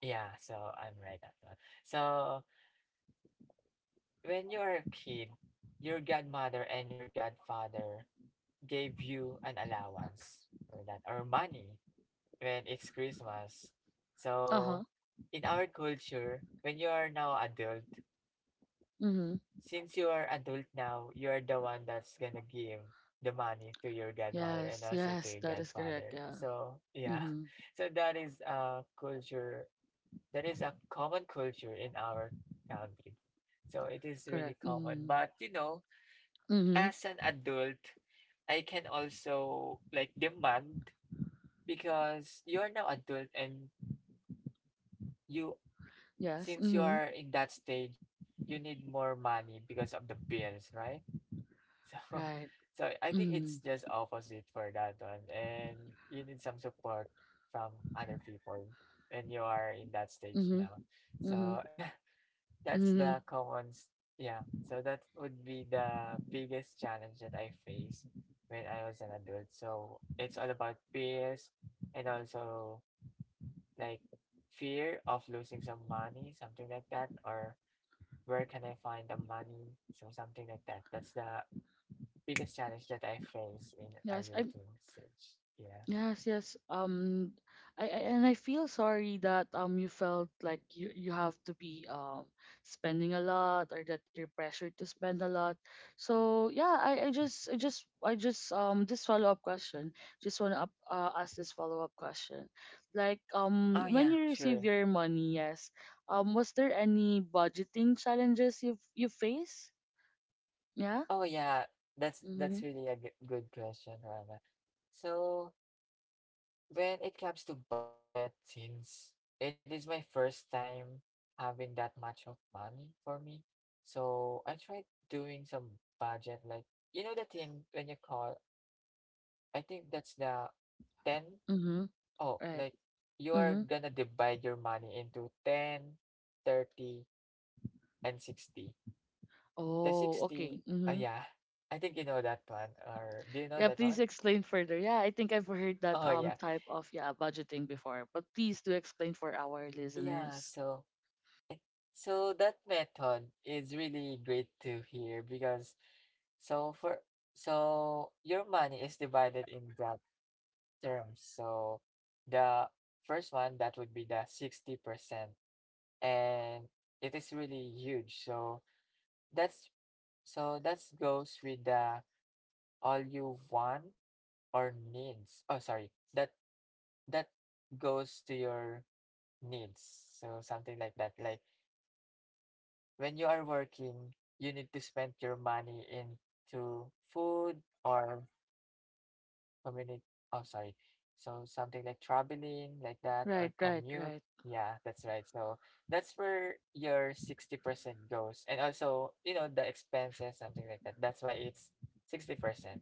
[SPEAKER 3] Yeah, so I'm right at that. So when you were a kid, your godmother and your godfather gave you an allowance or that, or money, when it's Christmas. So
[SPEAKER 1] Uh-huh.
[SPEAKER 3] in our culture, when you are now adult,
[SPEAKER 1] Mm-hmm.
[SPEAKER 3] since you are adult now, you are the one that's gonna give the money to your godmother and
[SPEAKER 1] Yes,
[SPEAKER 3] also to
[SPEAKER 1] yes,
[SPEAKER 3] your
[SPEAKER 1] that is correct,
[SPEAKER 3] godfather.
[SPEAKER 1] yeah.
[SPEAKER 3] So yeah. (laughs)
[SPEAKER 1] Mm-hmm.
[SPEAKER 3] So that is a culture, that is a common culture in our country. So it is really
[SPEAKER 1] Correct.
[SPEAKER 3] common.
[SPEAKER 1] Mm-hmm.
[SPEAKER 3] But you know,
[SPEAKER 1] Mm-hmm.
[SPEAKER 3] as an adult, I can also like demand because you are now adult and you,
[SPEAKER 1] Yes.
[SPEAKER 3] since you
[SPEAKER 1] Mm-hmm.
[SPEAKER 3] are in that stage, you need more money because of the bills, right? (laughs) So
[SPEAKER 1] Right.
[SPEAKER 3] so I think
[SPEAKER 1] Mm-hmm.
[SPEAKER 3] it's just opposite for that one and you need some support from other people, and you are in that stage
[SPEAKER 1] Mm-hmm.
[SPEAKER 3] now.
[SPEAKER 1] Mm-hmm.
[SPEAKER 3] So (laughs) yeah, that's
[SPEAKER 1] Mm-hmm.
[SPEAKER 3] the commons. Yeah. So that would be the biggest challenge that I faced when I was an adult. So it's all about fears and also like fear of losing some money, something like that, or where can I find the money? So something like that. That's the biggest challenge that I face in
[SPEAKER 1] Yes. I
[SPEAKER 3] adulting stage. Yeah.
[SPEAKER 1] Yes, yes. I and I feel sorry that you felt like you have to be spending a lot, or that you're pressured to spend a lot. So yeah, I just this follow up question. Just wanna up, ask this follow up question. Like
[SPEAKER 3] Oh
[SPEAKER 1] when
[SPEAKER 3] yeah,
[SPEAKER 1] you receive
[SPEAKER 3] sure.
[SPEAKER 1] your money, yes. Was there any budgeting challenges you face? Yeah.
[SPEAKER 3] Oh yeah, that's
[SPEAKER 1] Mhm.
[SPEAKER 3] really a good question, Rana. So when it comes to budget, since it is my first time having that much of money for me, so I tried doing some budget, like you know the thing when you call, I think that's the 10.
[SPEAKER 1] Mhm.
[SPEAKER 3] Oh,
[SPEAKER 1] Right.
[SPEAKER 3] like you are
[SPEAKER 1] Mhm.
[SPEAKER 3] gonna divide your money into 10, 30, and 60. The
[SPEAKER 1] Oh,
[SPEAKER 3] 60,
[SPEAKER 1] okay. Mhm.
[SPEAKER 3] yeah, I think you know that one, or do you know
[SPEAKER 1] Yeah,
[SPEAKER 3] that
[SPEAKER 1] please
[SPEAKER 3] one?
[SPEAKER 1] explain further. Yeah, I think I've heard that
[SPEAKER 3] Oh yeah,
[SPEAKER 1] type of yeah budgeting before, but please do explain for our
[SPEAKER 3] yeah.
[SPEAKER 1] listeners.
[SPEAKER 3] So so that method is really great to hear because so for, so your money is divided in that terms. So the first one that would be the 60% and it is really huge. So that's so that goes with the all you want or needs. Oh, sorry. That goes to your needs. So something like that. Like when you are working, you need to spend your money into food or community. Oh, sorry. So something like traveling, like that, or
[SPEAKER 1] Right, right,
[SPEAKER 3] commute.
[SPEAKER 1] right.
[SPEAKER 3] Yeah, that's right. So that's where your 60% goes. And also, the expenses, something like that. That's why it's 60%.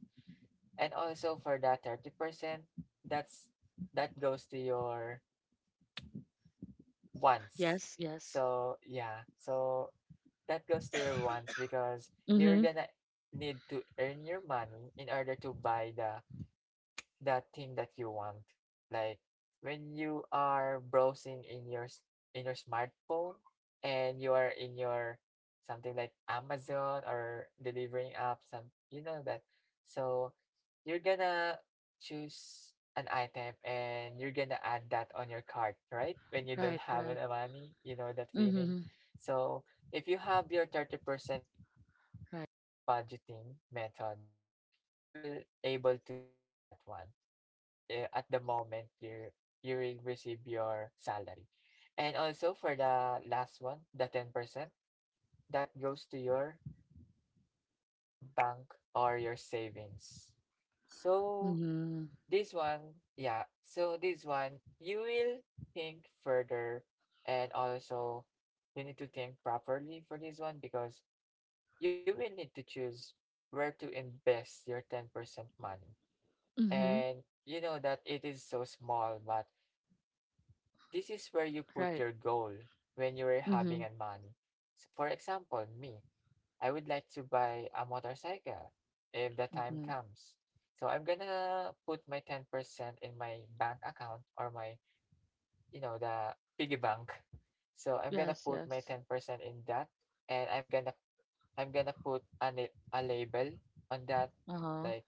[SPEAKER 3] And also for that 30%, that's that goes to your wants.
[SPEAKER 1] Yes, yes.
[SPEAKER 3] So yeah. So That goes to your wants because you're
[SPEAKER 1] Mhm.
[SPEAKER 3] gonna need to earn your money in order to buy the that thing that you want. Like when you are browsing in your in your smartphone and you are in your something like Amazon or delivering app, some you know that. So you're gonna choose an item and you're gonna add that on your cart, right? When you don't
[SPEAKER 1] Right,
[SPEAKER 3] have
[SPEAKER 1] right.
[SPEAKER 3] any money, you know that feeling.
[SPEAKER 1] Mhm.
[SPEAKER 3] So if you have your 30% in your
[SPEAKER 1] Right.
[SPEAKER 3] one budgeting method, you will able to spend that one at the moment you will receive your salary. And also for the last one, the 10%, that goes to your bank or your savings. So
[SPEAKER 1] Mhm.
[SPEAKER 3] this one, yeah, so this one, you will think further, and also you need to think properly for this one because you will need to choose where to invest your 10% money.
[SPEAKER 1] Mhm.
[SPEAKER 3] And you know that it is so small, but this is where you put
[SPEAKER 1] Right.
[SPEAKER 3] your goal when you're having
[SPEAKER 1] Mhm.
[SPEAKER 3] a money. So for example, me, I would like to buy a motorcycle if the time
[SPEAKER 1] Mhm.
[SPEAKER 3] comes. So I'm gonna put my 10% in my bank account or my, you know, the piggy bank. So I'm gonna
[SPEAKER 1] Yes,
[SPEAKER 3] put my
[SPEAKER 1] yes.
[SPEAKER 3] 10% in that, and I'm gonna put a, a label on that,
[SPEAKER 1] Uh huh.
[SPEAKER 3] like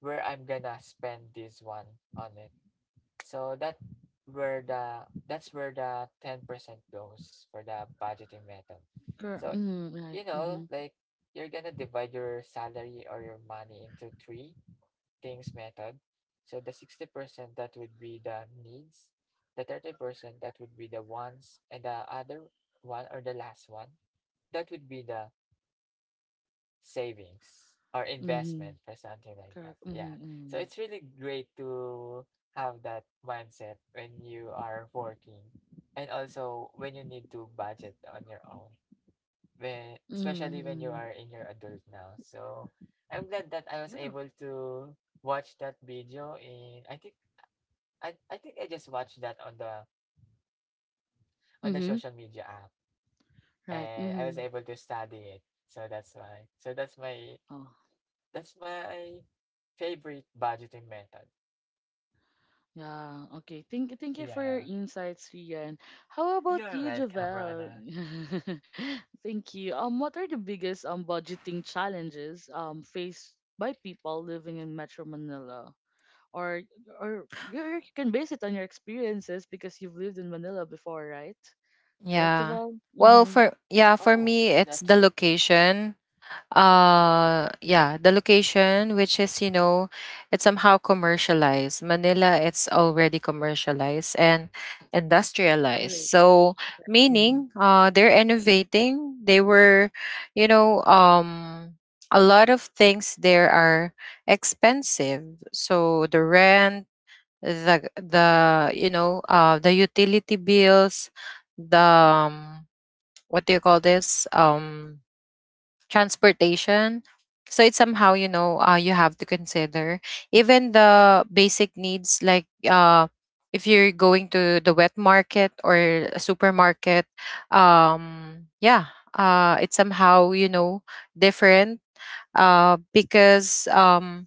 [SPEAKER 3] where I'm gonna spend this one on it. So that where the that's where the 10% goes for the budgeting method.
[SPEAKER 1] Correct.
[SPEAKER 3] So,
[SPEAKER 1] Mhm. Right.
[SPEAKER 3] you know,
[SPEAKER 1] Mhm.
[SPEAKER 3] like you're gonna divide your salary or your money into three things method. So the 60% that would be the needs, the 30% that would be the wants, and the other one or the last one, that would be the savings or investment
[SPEAKER 1] Mhm.
[SPEAKER 3] for something like that.
[SPEAKER 1] Correct. Mhm.
[SPEAKER 3] Yeah. So
[SPEAKER 1] Mhm.
[SPEAKER 3] it's really great to have that mindset when you are working and also when you need to budget on your own. When,
[SPEAKER 1] Mhm.
[SPEAKER 3] especially when you are
[SPEAKER 1] mhm.
[SPEAKER 3] in your adult now. So I'm glad that I was
[SPEAKER 1] Yeah.
[SPEAKER 3] able to watch that video in I think I think I just watched that on the
[SPEAKER 1] Mhm.
[SPEAKER 3] social media app,
[SPEAKER 1] Right.
[SPEAKER 3] and I was
[SPEAKER 1] Mhm.
[SPEAKER 3] able to study it. So that's why. So that's my
[SPEAKER 1] Oh.
[SPEAKER 3] that's my favorite budgeting method.
[SPEAKER 1] Yeah, okay. Thank you for your
[SPEAKER 3] Yeah.
[SPEAKER 1] insights, Rian. How about
[SPEAKER 3] You're
[SPEAKER 1] you,
[SPEAKER 3] welcome,
[SPEAKER 1] Javel?
[SPEAKER 3] Rana.
[SPEAKER 1] (laughs) Thank you. What are the biggest budgeting challenges faced by people living in Metro Manila? Or or you you can base it on your experiences, because you've lived in Manila before, right? Right,
[SPEAKER 2] Yeah.
[SPEAKER 1] Javel?
[SPEAKER 2] Well,
[SPEAKER 1] Mm-hmm.
[SPEAKER 2] for, yeah, for
[SPEAKER 3] Oh,
[SPEAKER 2] me
[SPEAKER 3] is
[SPEAKER 2] it's
[SPEAKER 3] that
[SPEAKER 2] the
[SPEAKER 3] true?
[SPEAKER 2] location. Yeah, the location, which is, you know, it's somehow commercialized. Manila, it's already commercialized and industrialized.
[SPEAKER 1] Correct.
[SPEAKER 2] So
[SPEAKER 1] Mm-hmm.
[SPEAKER 2] meaning, they're innovating. They were, you know, a lot of things there are expensive. So the rent, the you know, the utility bills, the, what do you call this, transportation. So it's somehow, you know, you have to consider even the basic needs, like, if you're going to the wet market or a supermarket, yeah, it's somehow, you know, different uh, because um,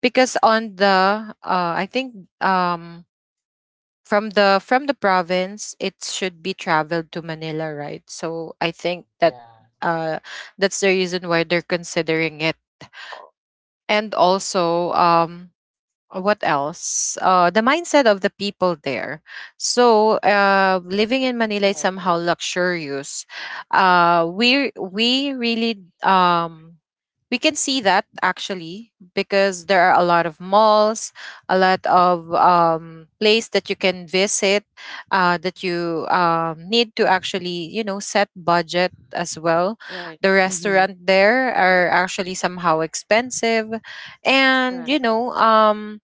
[SPEAKER 2] because on the I think from the— from the province, it should be traveled to Manila, right? So I think that,
[SPEAKER 3] Yeah.
[SPEAKER 2] uh, that's the reason why they're considering it. And also, what else? The mindset of the people there. So, living in Manila is
[SPEAKER 1] Right,
[SPEAKER 2] somehow
[SPEAKER 1] right,
[SPEAKER 2] luxurious. We really, um, we can see that actually, because there are a lot of malls, a lot of, place that you can visit, that you, need to actually, you know, set budget as well.
[SPEAKER 1] right.
[SPEAKER 2] The
[SPEAKER 1] Mm-hmm.
[SPEAKER 2] restaurant, there are actually somehow expensive, and, you
[SPEAKER 1] Correct.
[SPEAKER 2] know,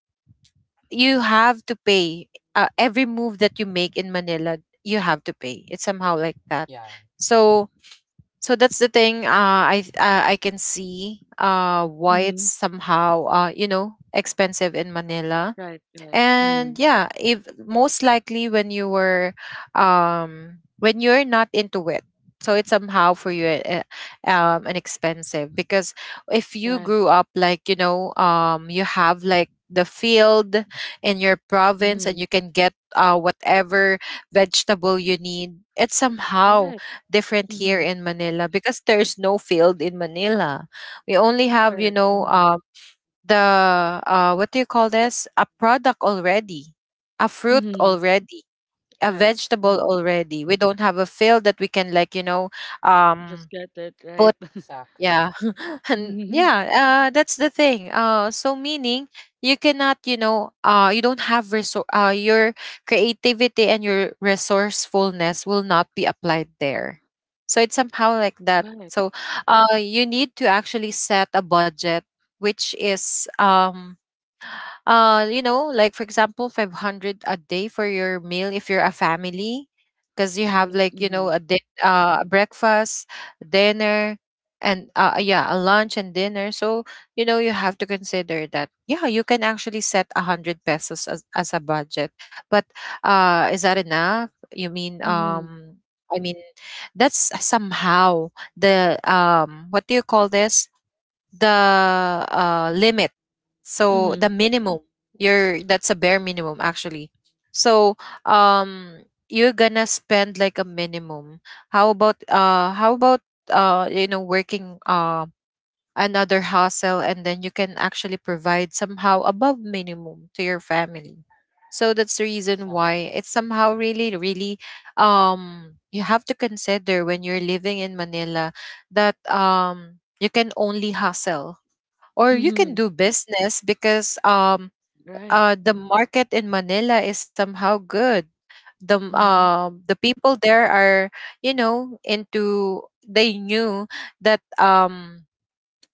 [SPEAKER 2] you have to pay, every move that you make in Manila, you have to pay. It's somehow like that.
[SPEAKER 3] Yeah.
[SPEAKER 2] So, so that's the thing. I can see, uh, why
[SPEAKER 1] Mm-hmm.
[SPEAKER 2] it's somehow, uh, you know, expensive in Manila.
[SPEAKER 1] Right, right. Mm-hmm.
[SPEAKER 2] And yeah, if most likely when you were, um, when you're not into it, so it's somehow for you, um, an expensive, because if you
[SPEAKER 1] Right.
[SPEAKER 2] grew up like, you know, um, you have like the field in your province,
[SPEAKER 1] Mm-hmm.
[SPEAKER 2] and you can get, whatever vegetable you need, it's somehow
[SPEAKER 1] Right.
[SPEAKER 2] different here
[SPEAKER 1] Mm-hmm.
[SPEAKER 2] in Manila, because there's no field in Manila. We only have, you
[SPEAKER 1] Correct.
[SPEAKER 2] know,
[SPEAKER 1] Mm-hmm.
[SPEAKER 2] the, uh, what do you call this, a product already, a fruit
[SPEAKER 1] Mhm.
[SPEAKER 2] already, a
[SPEAKER 1] Right.
[SPEAKER 2] vegetable
[SPEAKER 1] Mhm.
[SPEAKER 2] already. We don't have a field that we can like, you know, um,
[SPEAKER 1] Just get it,
[SPEAKER 2] put.
[SPEAKER 1] right? (laughs)
[SPEAKER 3] Exactly.
[SPEAKER 2] Yeah.
[SPEAKER 3] Yeah.
[SPEAKER 2] (laughs) And
[SPEAKER 1] Mhm.
[SPEAKER 2] yeah, uh, that's the thing. Uh, so meaning, you cannot, you know, uh, you don't have your creativity and your resourcefulness will not be applied there. So it's somehow like that.
[SPEAKER 1] Right.
[SPEAKER 2] So, uh, you need to actually set a budget, which is, um, uh, you know, like, for example, 500 a day for your meal if you're a family, because you have
[SPEAKER 1] Right.
[SPEAKER 2] like, you know,
[SPEAKER 1] Mhm.
[SPEAKER 2] a breakfast, dinner, and, uh, yeah, a lunch and dinner. So, you know, you have to consider that. Yeah, you can actually set a 100 pesos as a budget, but, uh, is that enough, you mean,
[SPEAKER 1] Mhm.
[SPEAKER 2] um, I mean, that's somehow the, um, what do you call this, the, uh, limit. So the
[SPEAKER 1] Mhm.
[SPEAKER 2] minimum, you're— that's a bare minimum actually. So um you're gonna spend like a minimum. How about you know working another hustle, and then you can actually provide somehow above minimum to your family. So that's the reason why
[SPEAKER 3] Exactly.
[SPEAKER 2] it's somehow really, really. You have to consider when you're living in Manila that you can only hustle or you can
[SPEAKER 1] Mhm.
[SPEAKER 2] do business, because um
[SPEAKER 1] Right.
[SPEAKER 2] uh the market in Manila is somehow good. The
[SPEAKER 1] Mhm.
[SPEAKER 2] um the people there are, you know, into, they knew that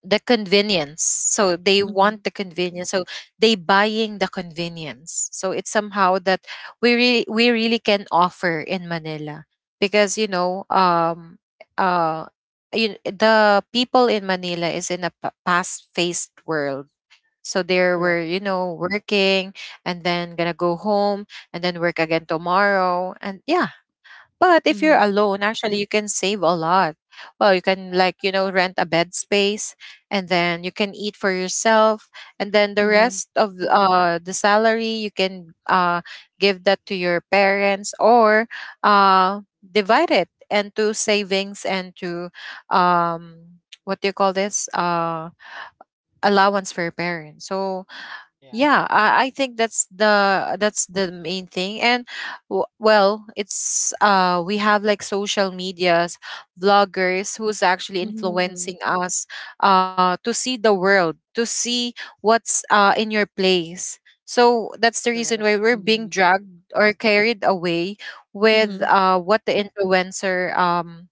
[SPEAKER 2] the convenience, so they
[SPEAKER 1] Mhm.
[SPEAKER 2] want the convenience, so they buying the convenience. So it's somehow that we really can offer in Manila, because you know uh you, the people in Manila is in a fast-paced world, so they
[SPEAKER 1] Correct.
[SPEAKER 2] were, you know, working and then gonna go home and then work again tomorrow. And yeah, but if you're
[SPEAKER 1] Mhm.
[SPEAKER 2] alone, actually, you can save a lot. Well, you can, like, you know, rent a bed space and then you can eat for yourself. And then the
[SPEAKER 1] Mhm.
[SPEAKER 2] rest of the salary, you can give that to your parents, or uh, divide it into savings and to um, what do you call this? Allowance for your parents. So,
[SPEAKER 3] Yeah.
[SPEAKER 2] yeah, I think that's the main thing. And well, it's we have like social medias, vloggers who's actually
[SPEAKER 1] Mhm.
[SPEAKER 2] influencing us to see the world, to see what's in your place. So that's the reason
[SPEAKER 1] Correct.
[SPEAKER 2] why we're being
[SPEAKER 1] Mhm.
[SPEAKER 2] dragged or carried away with
[SPEAKER 1] Mhm.
[SPEAKER 2] what the influencer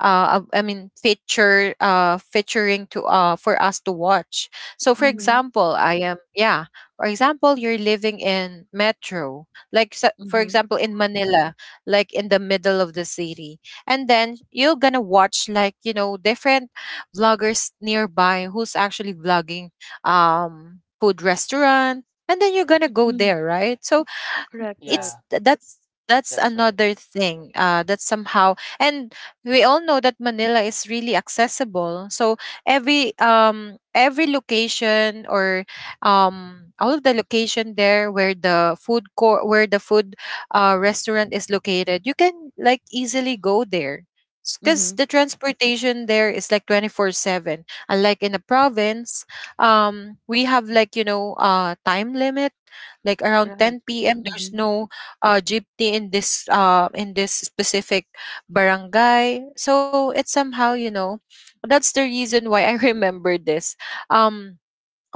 [SPEAKER 2] I mean feature featuring to for us to watch. So for
[SPEAKER 1] Mhm.
[SPEAKER 2] example I am, yeah, for example you're living in metro, like for
[SPEAKER 1] Mhm.
[SPEAKER 2] example in Manila, like in the middle of the city, and then you're gonna watch, like, you know, different vloggers nearby who's actually vlogging food restaurant, and then you're gonna go
[SPEAKER 1] Mhm.
[SPEAKER 2] there, right? So
[SPEAKER 1] Correct.
[SPEAKER 2] it's
[SPEAKER 1] Correct.
[SPEAKER 3] Yeah.
[SPEAKER 2] th- that's that's
[SPEAKER 3] That's right.
[SPEAKER 2] another thing that's somehow. And we all know that Manila is really accessible, so every location or all of the location there where the food court, where the food restaurant is located, you can like easily go there, because the
[SPEAKER 1] Mhm.
[SPEAKER 2] transportation there is like 24/7, unlike in the province. We have like, you know, time limit, like around
[SPEAKER 1] Right.
[SPEAKER 2] 10 p.m. There's
[SPEAKER 1] Mhm.
[SPEAKER 2] no jeepney in this specific barangay. So it's somehow, you know, that's the reason why I (laughs) remember this. Um,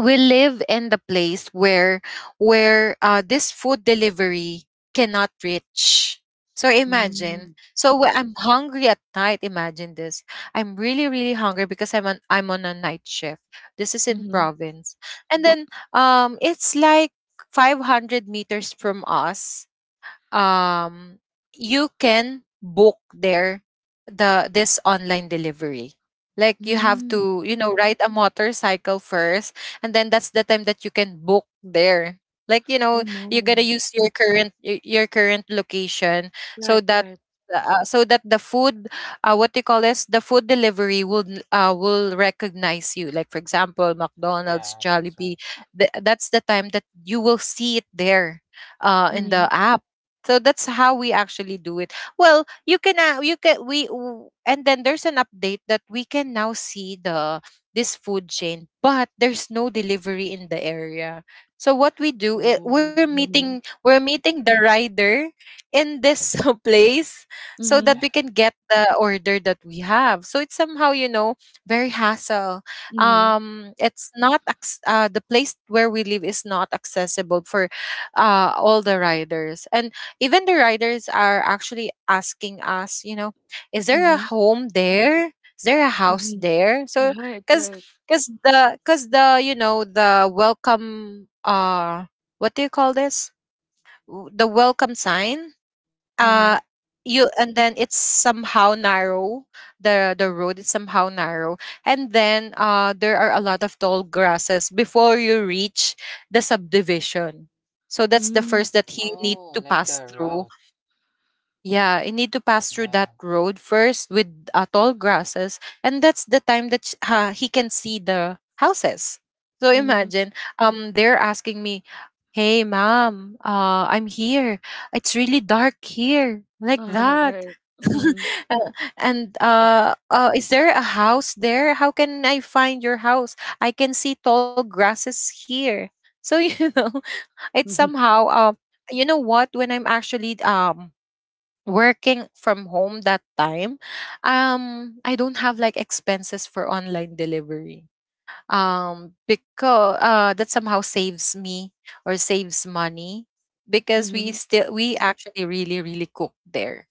[SPEAKER 2] we live in the place where this food delivery cannot reach, so imagine.
[SPEAKER 1] Mhm.
[SPEAKER 2] So when I'm hungry at night, imagine this, I'm really really hungry because I'm on a night shift. This is in
[SPEAKER 1] Mhm.
[SPEAKER 2] province. And then it's like 500 meters from us. um, you can book there the this online delivery. Like you have
[SPEAKER 1] Mhm.
[SPEAKER 2] to, you know, ride a motorcycle first, and then that's the time that you can book there. Like you know,
[SPEAKER 1] Oh
[SPEAKER 2] you gotta
[SPEAKER 1] no.
[SPEAKER 2] use your current your current location, so
[SPEAKER 1] Right.
[SPEAKER 2] that
[SPEAKER 1] Right.
[SPEAKER 2] so that the food, what you call this, the food delivery will recognize you, like for example McDonald's,
[SPEAKER 3] Yeah. That's
[SPEAKER 2] Jollibee.
[SPEAKER 3] right.
[SPEAKER 2] That's the time that you will see it there, in the
[SPEAKER 1] Mhm.
[SPEAKER 2] app. So that's how we actually do it. Well, you can and then there's an update that we can now see the this food chain, but there's no delivery in the area. So what we do it, we're
[SPEAKER 1] Oh.
[SPEAKER 2] meeting
[SPEAKER 1] Mhm.
[SPEAKER 2] the rider in this (laughs) place, so that we
[SPEAKER 1] Mhm.
[SPEAKER 3] Yeah.
[SPEAKER 2] can get the order that we have. So it's somehow, you know, very hassle.
[SPEAKER 1] Mhm.
[SPEAKER 2] It's not acc- the place where we live is not accessible for all the riders. And even the riders are actually asking us, you know, is there a
[SPEAKER 1] Mhm.
[SPEAKER 2] home there? Is there a house
[SPEAKER 1] Mhm.
[SPEAKER 2] there? So,
[SPEAKER 1] Right.
[SPEAKER 2] cause,
[SPEAKER 1] Right.
[SPEAKER 2] cause the, you know, the welcome, what do you call this? The welcome sign. Uh,
[SPEAKER 1] Mhm.
[SPEAKER 2] you, and then it's somehow narrow. The road is somehow narrow, and then there are a lot of tall grasses before you reach the subdivision. So that's the first
[SPEAKER 1] Mm,
[SPEAKER 2] that he need to
[SPEAKER 3] Oh, like
[SPEAKER 2] pass
[SPEAKER 3] the
[SPEAKER 2] through.
[SPEAKER 3] route.
[SPEAKER 2] Yeah, you need to pass through that
[SPEAKER 3] Yeah.
[SPEAKER 2] road first with tall grasses, and that's the time that he can see the houses. So
[SPEAKER 1] mhm.
[SPEAKER 2] imagine, they're asking me, "Hey, ma'am, I'm here. It's really dark here, like
[SPEAKER 1] (laughs)
[SPEAKER 2] that.
[SPEAKER 1] Right.
[SPEAKER 2] (laughs)
[SPEAKER 1] Mhm.
[SPEAKER 2] Uh, and
[SPEAKER 3] (laughs)
[SPEAKER 2] is there a house there? How can I find your house? I can see tall grasses here." So (laughs) you know, it's
[SPEAKER 1] Mhm.
[SPEAKER 2] somehow, you know what? When I'm actually working from home that time, I don't have like expenses for online delivery, because that somehow saves me or saves money, because
[SPEAKER 1] Mhm.
[SPEAKER 2] we actually really really cook there.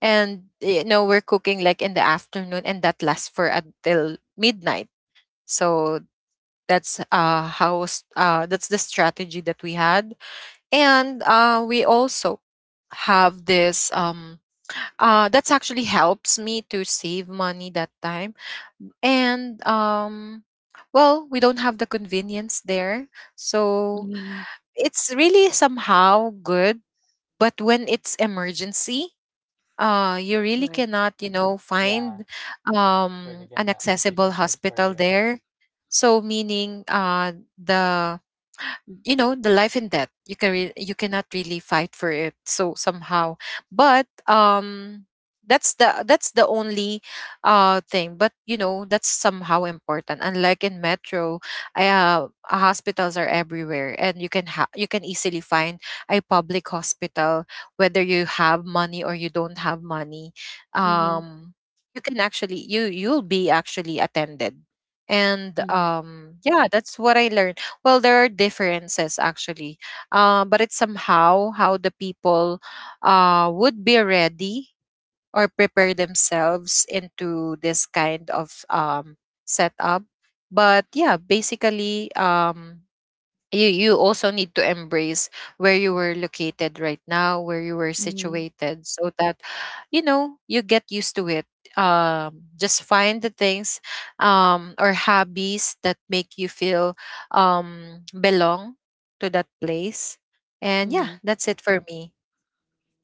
[SPEAKER 2] And you know, we're cooking like in the afternoon, and that lasts for until midnight. So that's that's the strategy that we had. And we also have this that's actually helps me to save money that time. And well, we don't have the convenience there, so
[SPEAKER 1] Mhm.
[SPEAKER 2] it's really somehow good. But when it's emergency, you really
[SPEAKER 1] Right.
[SPEAKER 2] cannot, you know,
[SPEAKER 3] Yeah.
[SPEAKER 2] find
[SPEAKER 3] It's really
[SPEAKER 2] an
[SPEAKER 3] gonna
[SPEAKER 2] accessible
[SPEAKER 3] difficult for
[SPEAKER 2] hospital
[SPEAKER 3] you.
[SPEAKER 2] there. So meaning the, you know, the life and death you you cannot really fight for it, so somehow. But that's the only thing. But you know, that's somehow important, unlike in metro. I, hospitals are everywhere and you you can easily find a public hospital, whether you have money or you don't have money.
[SPEAKER 1] Mhm.
[SPEAKER 2] um you can actually you'll be actually attended. And
[SPEAKER 1] Mhm.
[SPEAKER 2] yeah, that's what I learned. Well, there are differences actually, but it's somehow how the people would be ready or prepare themselves into this kind of setup. But yeah, basically, you also need to embrace where you were located right now, where you were
[SPEAKER 1] Mhm.
[SPEAKER 2] situated, so that you know you get used to it. Just find the things or hobbies that make you feel belong to that place. And yeah,
[SPEAKER 1] Mhm.
[SPEAKER 2] that's it for me.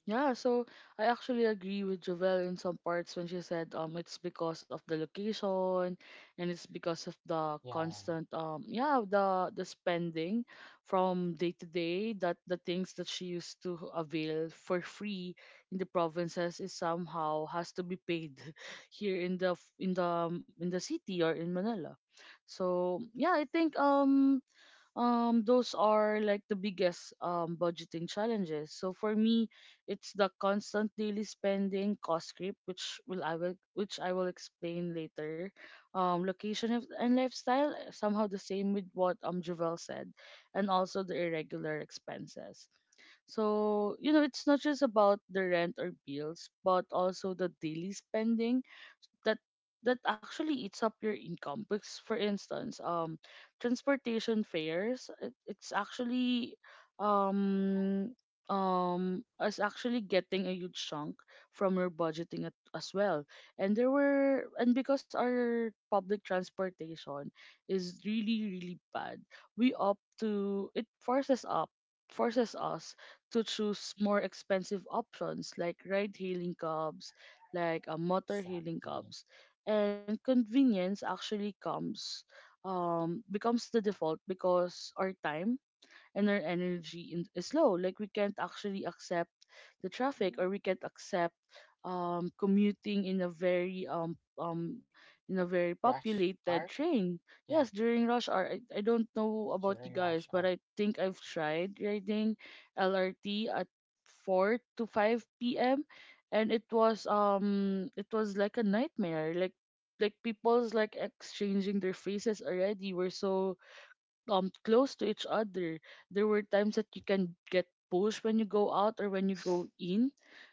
[SPEAKER 1] Yeah, so I actually agree with Jovel in some parts when she said it's because of the location, and it's because of the
[SPEAKER 3] Yeah.
[SPEAKER 1] constant yeah the spending from day to day, that the things that she used to avail for free in the provinces is somehow has to be paid (laughs) here in the in the in the city or in Manila. So yeah, I think those are like the biggest budgeting challenges. So for me it's the constant daily spending, cost creep, which will I will which I will explain later. Location and lifestyle, somehow the same with what Javel said, and also the irregular expenses. So you know, it's not just about the rent or bills, but also the daily spending that actually eats up your income. Because for instance, transportation fares, it's actually um is actually getting a huge chunk from your budgeting as well. And there were and because our public transportation is really really bad, we opt to it forces up forces us to choose more expensive options like ride hailing cabs, like motor healing
[SPEAKER 3] Exactly.
[SPEAKER 1] cups. And convenience actually comes becomes the default, because our time and our is low. Like, we can't actually accept the traffic, or we can't accept commuting in a very
[SPEAKER 3] Rush
[SPEAKER 1] populated
[SPEAKER 3] hour.
[SPEAKER 1] train.
[SPEAKER 3] Yeah.
[SPEAKER 1] Yes, during rush hour. I don't know about you
[SPEAKER 3] During
[SPEAKER 1] guys,
[SPEAKER 3] rush
[SPEAKER 1] but
[SPEAKER 3] hour.
[SPEAKER 1] I think I've tried riding LRT at 4 to 5 p.m., and it was like a nightmare. Like people's like exchanging their faces already. We're so close to each other. There were times that you can get pushed when you go out or when you go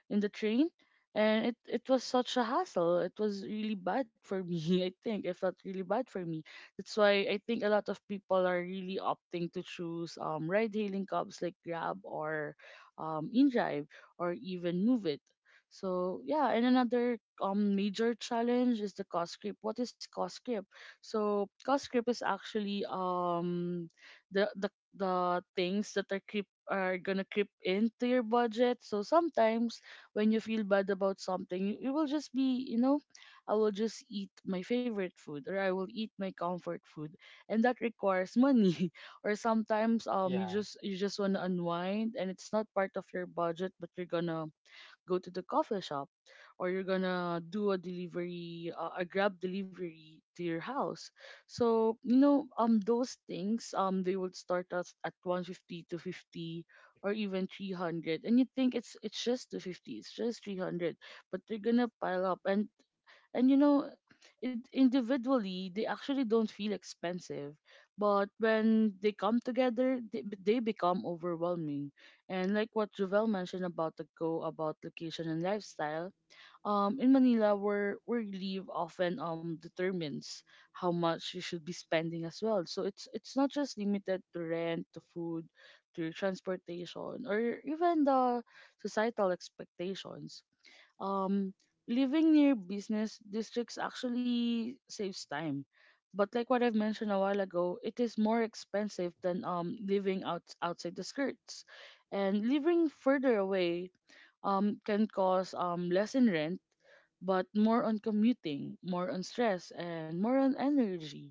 [SPEAKER 1] in the train. And it was such a hassle. It was really bad for me, (laughs) I think. It felt really bad for me. That's why I think a lot of people are really opting to choose ride hailing cabs like Grab or InDrive, or even Move It. So yeah, and another major challenge is the cost creep. What is cost creep? So cost creep is actually the the the things that are creep are gonna creep into your budget. So sometimes when you feel bad about something, it will just be, you know, I will just eat my favorite food, or I will eat my comfort food, and that requires money. (laughs) Or sometimes
[SPEAKER 3] Yeah.
[SPEAKER 1] you just wanna unwind, and it's not part of your budget, but you're gonna go to the coffee shop, or you're gonna do a delivery, a grab delivery to your house. So you know, those things, they would start us at 150 to 50, or even 300, and you think it's just 250, it's just 300, but they're gonna pile up. And you know Individually they actually don't feel expensive, but when they come together, they become overwhelming. And like what Jovel mentioned about the go about location and lifestyle, in Manila, where you live often determines how much you should be spending as well. So it's not just limited to rent, to food, to transportation, or even the societal expectations. um Living near business districts actually saves time, but like what I've mentioned a while ago, it is more expensive than living outside the skirts. And living further away can cause less in rent, but more on commuting, more on stress, and more on energy.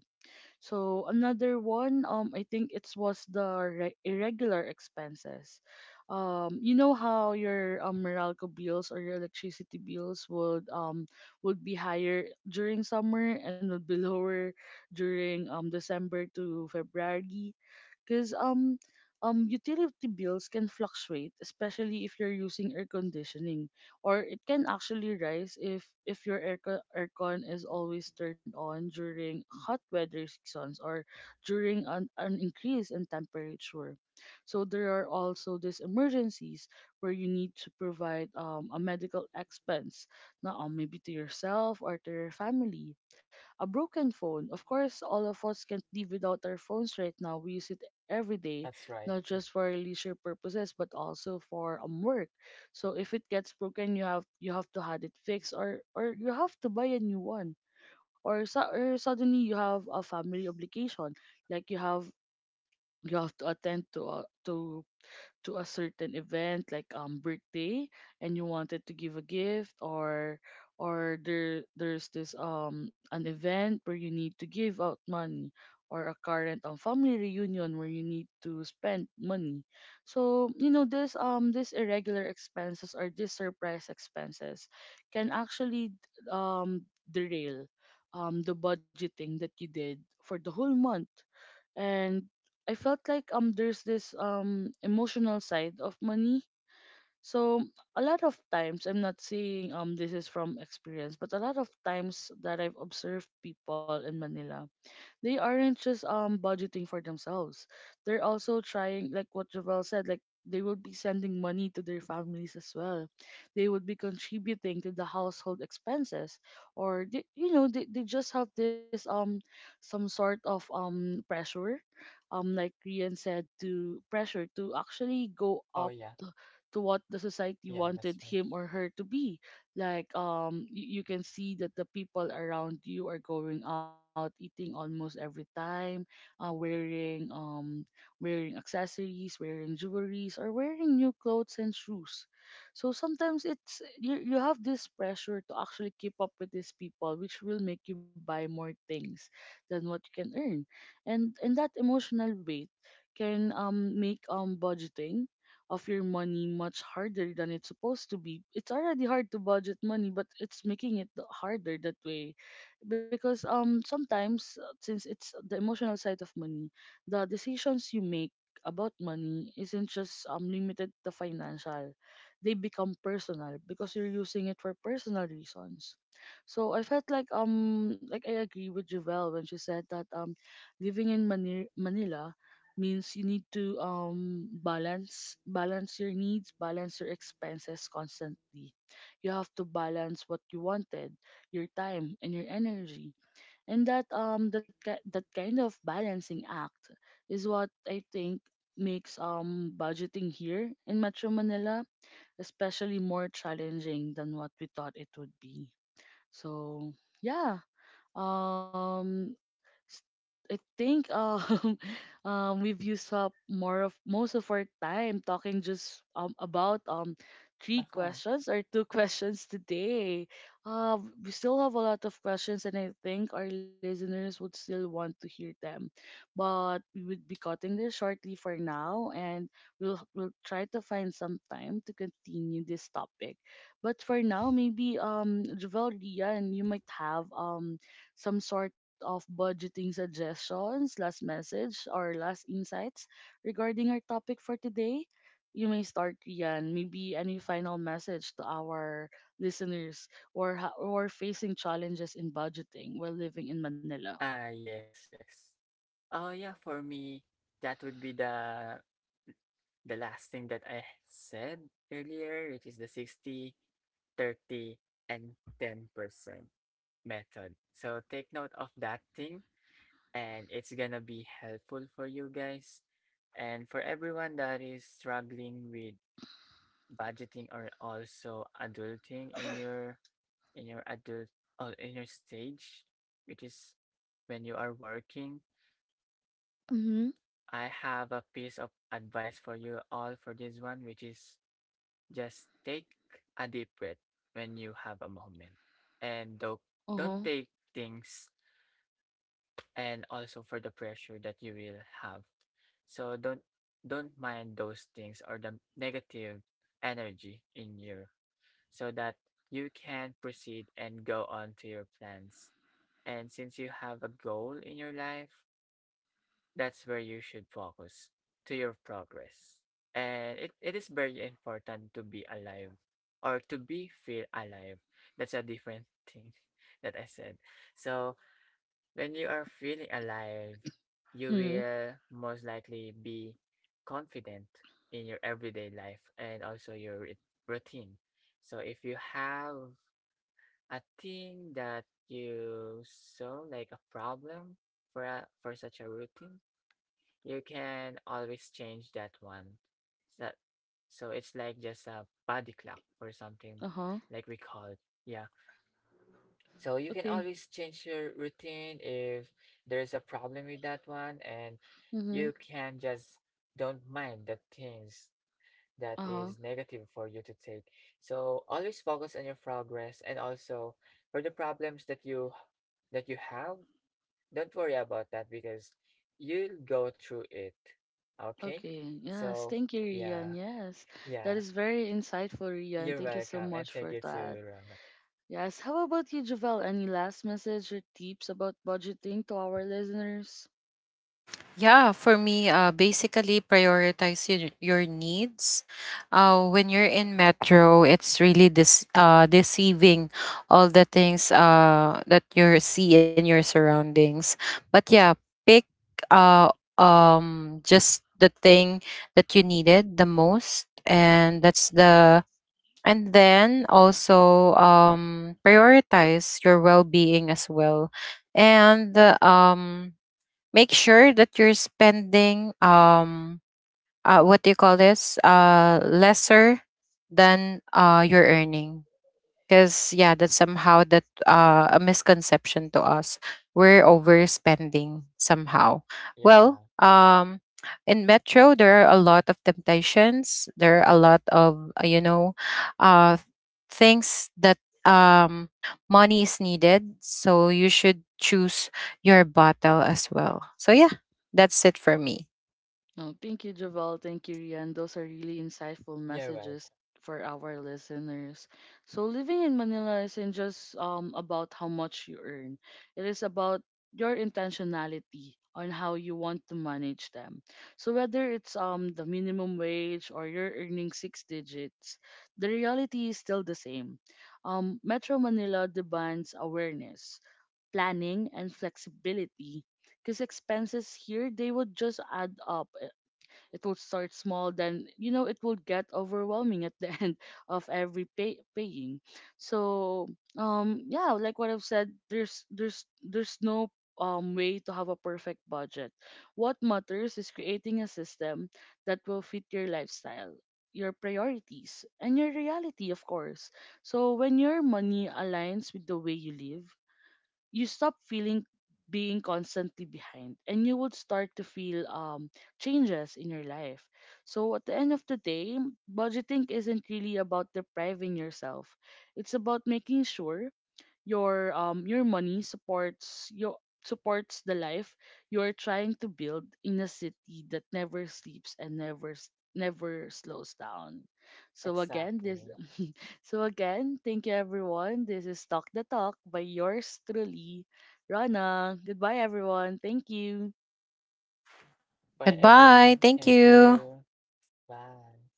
[SPEAKER 1] So another one, I think it was the irregular expenses. You know how your Meralco bills or your electricity bills would be higher during summer, and would be (laughs) lower during December to February, because utility bills can fluctuate, especially if you're using air conditioning, or it can actually rise if your aircon is always turned on during hot weather seasons, or during an increase in temperature. So there are also these emergencies where you need to provide a medical expense, not maybe to yourself or to your family, a broken phone. Of course, all of us can't live without our phones right now. We use it every day,
[SPEAKER 3] That's right.
[SPEAKER 1] not just for leisure purposes, but also for work. So if it gets broken, you have to have it fixed, or you have to buy a new one, or suddenly you have a family obligation, like you have to attend to to a certain event, like birthday, and you wanted to give a gift, or there's this an event where you need to give out money, or a current family reunion where you need to spend money. So you know, this these irregular expenses, or these surprise expenses, can actually um derail the budgeting that you did for the whole month. And I felt like there's this emotional side of money. So a lot of times, I'm not saying this is from experience, but a lot of times that I've observed people in Manila, they aren't just budgeting for themselves. They're also trying, like what Jovel said, like they would be sending money to their families as well. They would be contributing to the household expenses, or they, you know, they just have this some sort of pressure, like Rian said, to pressure to actually go
[SPEAKER 3] Oh
[SPEAKER 1] up
[SPEAKER 3] yeah.
[SPEAKER 1] to what the society
[SPEAKER 3] Yeah, that's
[SPEAKER 1] wanted
[SPEAKER 3] right.
[SPEAKER 1] him
[SPEAKER 3] (laughs)
[SPEAKER 1] or her to be. Like you can see that the people around you are going out eating almost every time, uh, wearing wearing accessories, wearing jewelries, or wearing new clothes and shoes. So sometimes it's, you have this pressure to actually keep up with these people, which will make you buy more things than what you can earn. And That emotional weight can make budgeting of your money much harder than it's supposed to be. It's already hard to budget money, but it's making it harder that way, because sometimes, since it's the emotional side of money, the decisions you make about money isn't just limited to financial. They become personal because you're using it for personal reasons. So I felt like I agree with Javel when she said that living in Manila means you need to balance your needs, balance your expenses constantly. You have to balance what you wanted, your time and your energy. And that that kind of balancing act is what I think makes budgeting here in Metro Manila especially more challenging than what we thought it would be. So yeah. um s- I think (laughs) we've used up more of most of our time talking just about three
[SPEAKER 3] Uh-huh.
[SPEAKER 1] questions, or two (laughs)
[SPEAKER 3] Yeah.
[SPEAKER 1] questions today. We still have a lot of questions, and I think our listeners would still want to hear them, but we would be cutting this shortly for now, and we'll try to find some time to continue this topic. But for now, maybe Javel, Ria, and you might have some sort of budgeting suggestions, last message, or last insights regarding our topic for today. You may start, Rian. Maybe any final message to our listeners who are, who are facing challenges in budgeting while living in Manila.
[SPEAKER 3] Ah, yes, yes. Oh yeah, for me, that would be the last thing that I said earlier, which is the 60, 30, and 10% method. So take note of that thing, and it's gonna be helpful for you guys and for everyone that is struggling with budgeting or also adulting in your adult in your stage, which is when you are working.
[SPEAKER 1] Mm-hmm.
[SPEAKER 3] I have a piece of advice for you all for this one, which is just take a deep breath when you have a moment, and don't
[SPEAKER 1] Uh-huh.
[SPEAKER 3] take things, and also for the pressure that you will have. So don't mind those things or the negative energy in you, so that you can proceed and go on to your plans. And since you have a goal in your life, that's where you should focus to your progress. And it is very important to be alive or to be feel alive. That's a different thing (laughs) that I said. So when you are feeling alive, you
[SPEAKER 1] Mm-hmm.
[SPEAKER 3] will most likely be confident in your everyday life and also your routine. So if you have I think that you saw like a problem for a, for such a routine, you can always change that one. So, so it's like just a body clock or something
[SPEAKER 1] Uh-huh.
[SPEAKER 3] like we call it. Yeah. So you can
[SPEAKER 1] Okay.
[SPEAKER 3] always change your routine if there's a problem with that one, and
[SPEAKER 1] Mm-hmm.
[SPEAKER 3] you can just don't mind the things that
[SPEAKER 1] Uh-huh.
[SPEAKER 3] is negative for you to take. So always focus on your progress, and also for the problems that you have, don't worry about that because you'll go through it. Okay?
[SPEAKER 1] Okay, yes.
[SPEAKER 3] So
[SPEAKER 1] Thank you, Rian.
[SPEAKER 3] yeah,
[SPEAKER 1] Yes, that
[SPEAKER 3] yeah.
[SPEAKER 1] is very insightful, Rian.
[SPEAKER 3] You're
[SPEAKER 1] Thank you so
[SPEAKER 3] welcome, and
[SPEAKER 1] much
[SPEAKER 3] take
[SPEAKER 1] for
[SPEAKER 3] it to
[SPEAKER 1] that.
[SPEAKER 3] Rona.
[SPEAKER 1] Yes, how about you, Javel? Any last message or tips about budgeting to our listeners?
[SPEAKER 2] Yeah, for me, basically prioritize your needs. When you're in metro, it's really this deceiving all the things that you see in your surroundings. But yeah, pick, uh, just the thing that you needed the most, and that's the. And then also, prioritize your well-being as well. And um make sure that you're spending what do you call this, lesser than you're earning, because yeah, that's somehow that, a misconception to us, we're overspending somehow. Well,
[SPEAKER 3] Yeah,
[SPEAKER 2] in metro there are a lot of temptations, there are a lot of, you know, uh things that um money is needed. So you should choose your bottle as well. So yeah, that's it for me.
[SPEAKER 1] No, thank you, Javel. Thank you, Rian. Those are really insightful
[SPEAKER 3] you're
[SPEAKER 1] messages
[SPEAKER 3] welcome.
[SPEAKER 1] for our listeners. So living in Manila isn't just about how much you earn. It is about your intentionality on how you want to manage them. So whether it's the minimum wage or you're earning six digits, the reality is still the same. Metro Manila demands awareness, planning, and flexibility, because expenses here, they would just add up. It will start small, then you know, it will get overwhelming at the (laughs) end of every paying. So yeah, like what I've said, there's no way to have a perfect budget. What matters is creating a system that will fit your lifestyle, your priorities, and your reality, of course. So when your money aligns with the way you live, you stop feeling being constantly behind, and you would start to feel changes in your life. So at the end of the day, budgeting isn't really about depriving yourself, it's about making sure your money supports your supports the life you're trying to build in a city that never sleeps and never never slows down. So again, this
[SPEAKER 3] Exactly.
[SPEAKER 1] (laughs) so again, thank you everyone. This is Talk the Talk by yours truly, Rana. Goodbye everyone. Thank you.
[SPEAKER 3] Bye
[SPEAKER 2] Goodbye,
[SPEAKER 3] everyone.
[SPEAKER 2] thank
[SPEAKER 3] Thank
[SPEAKER 2] you.
[SPEAKER 3] you. Bye.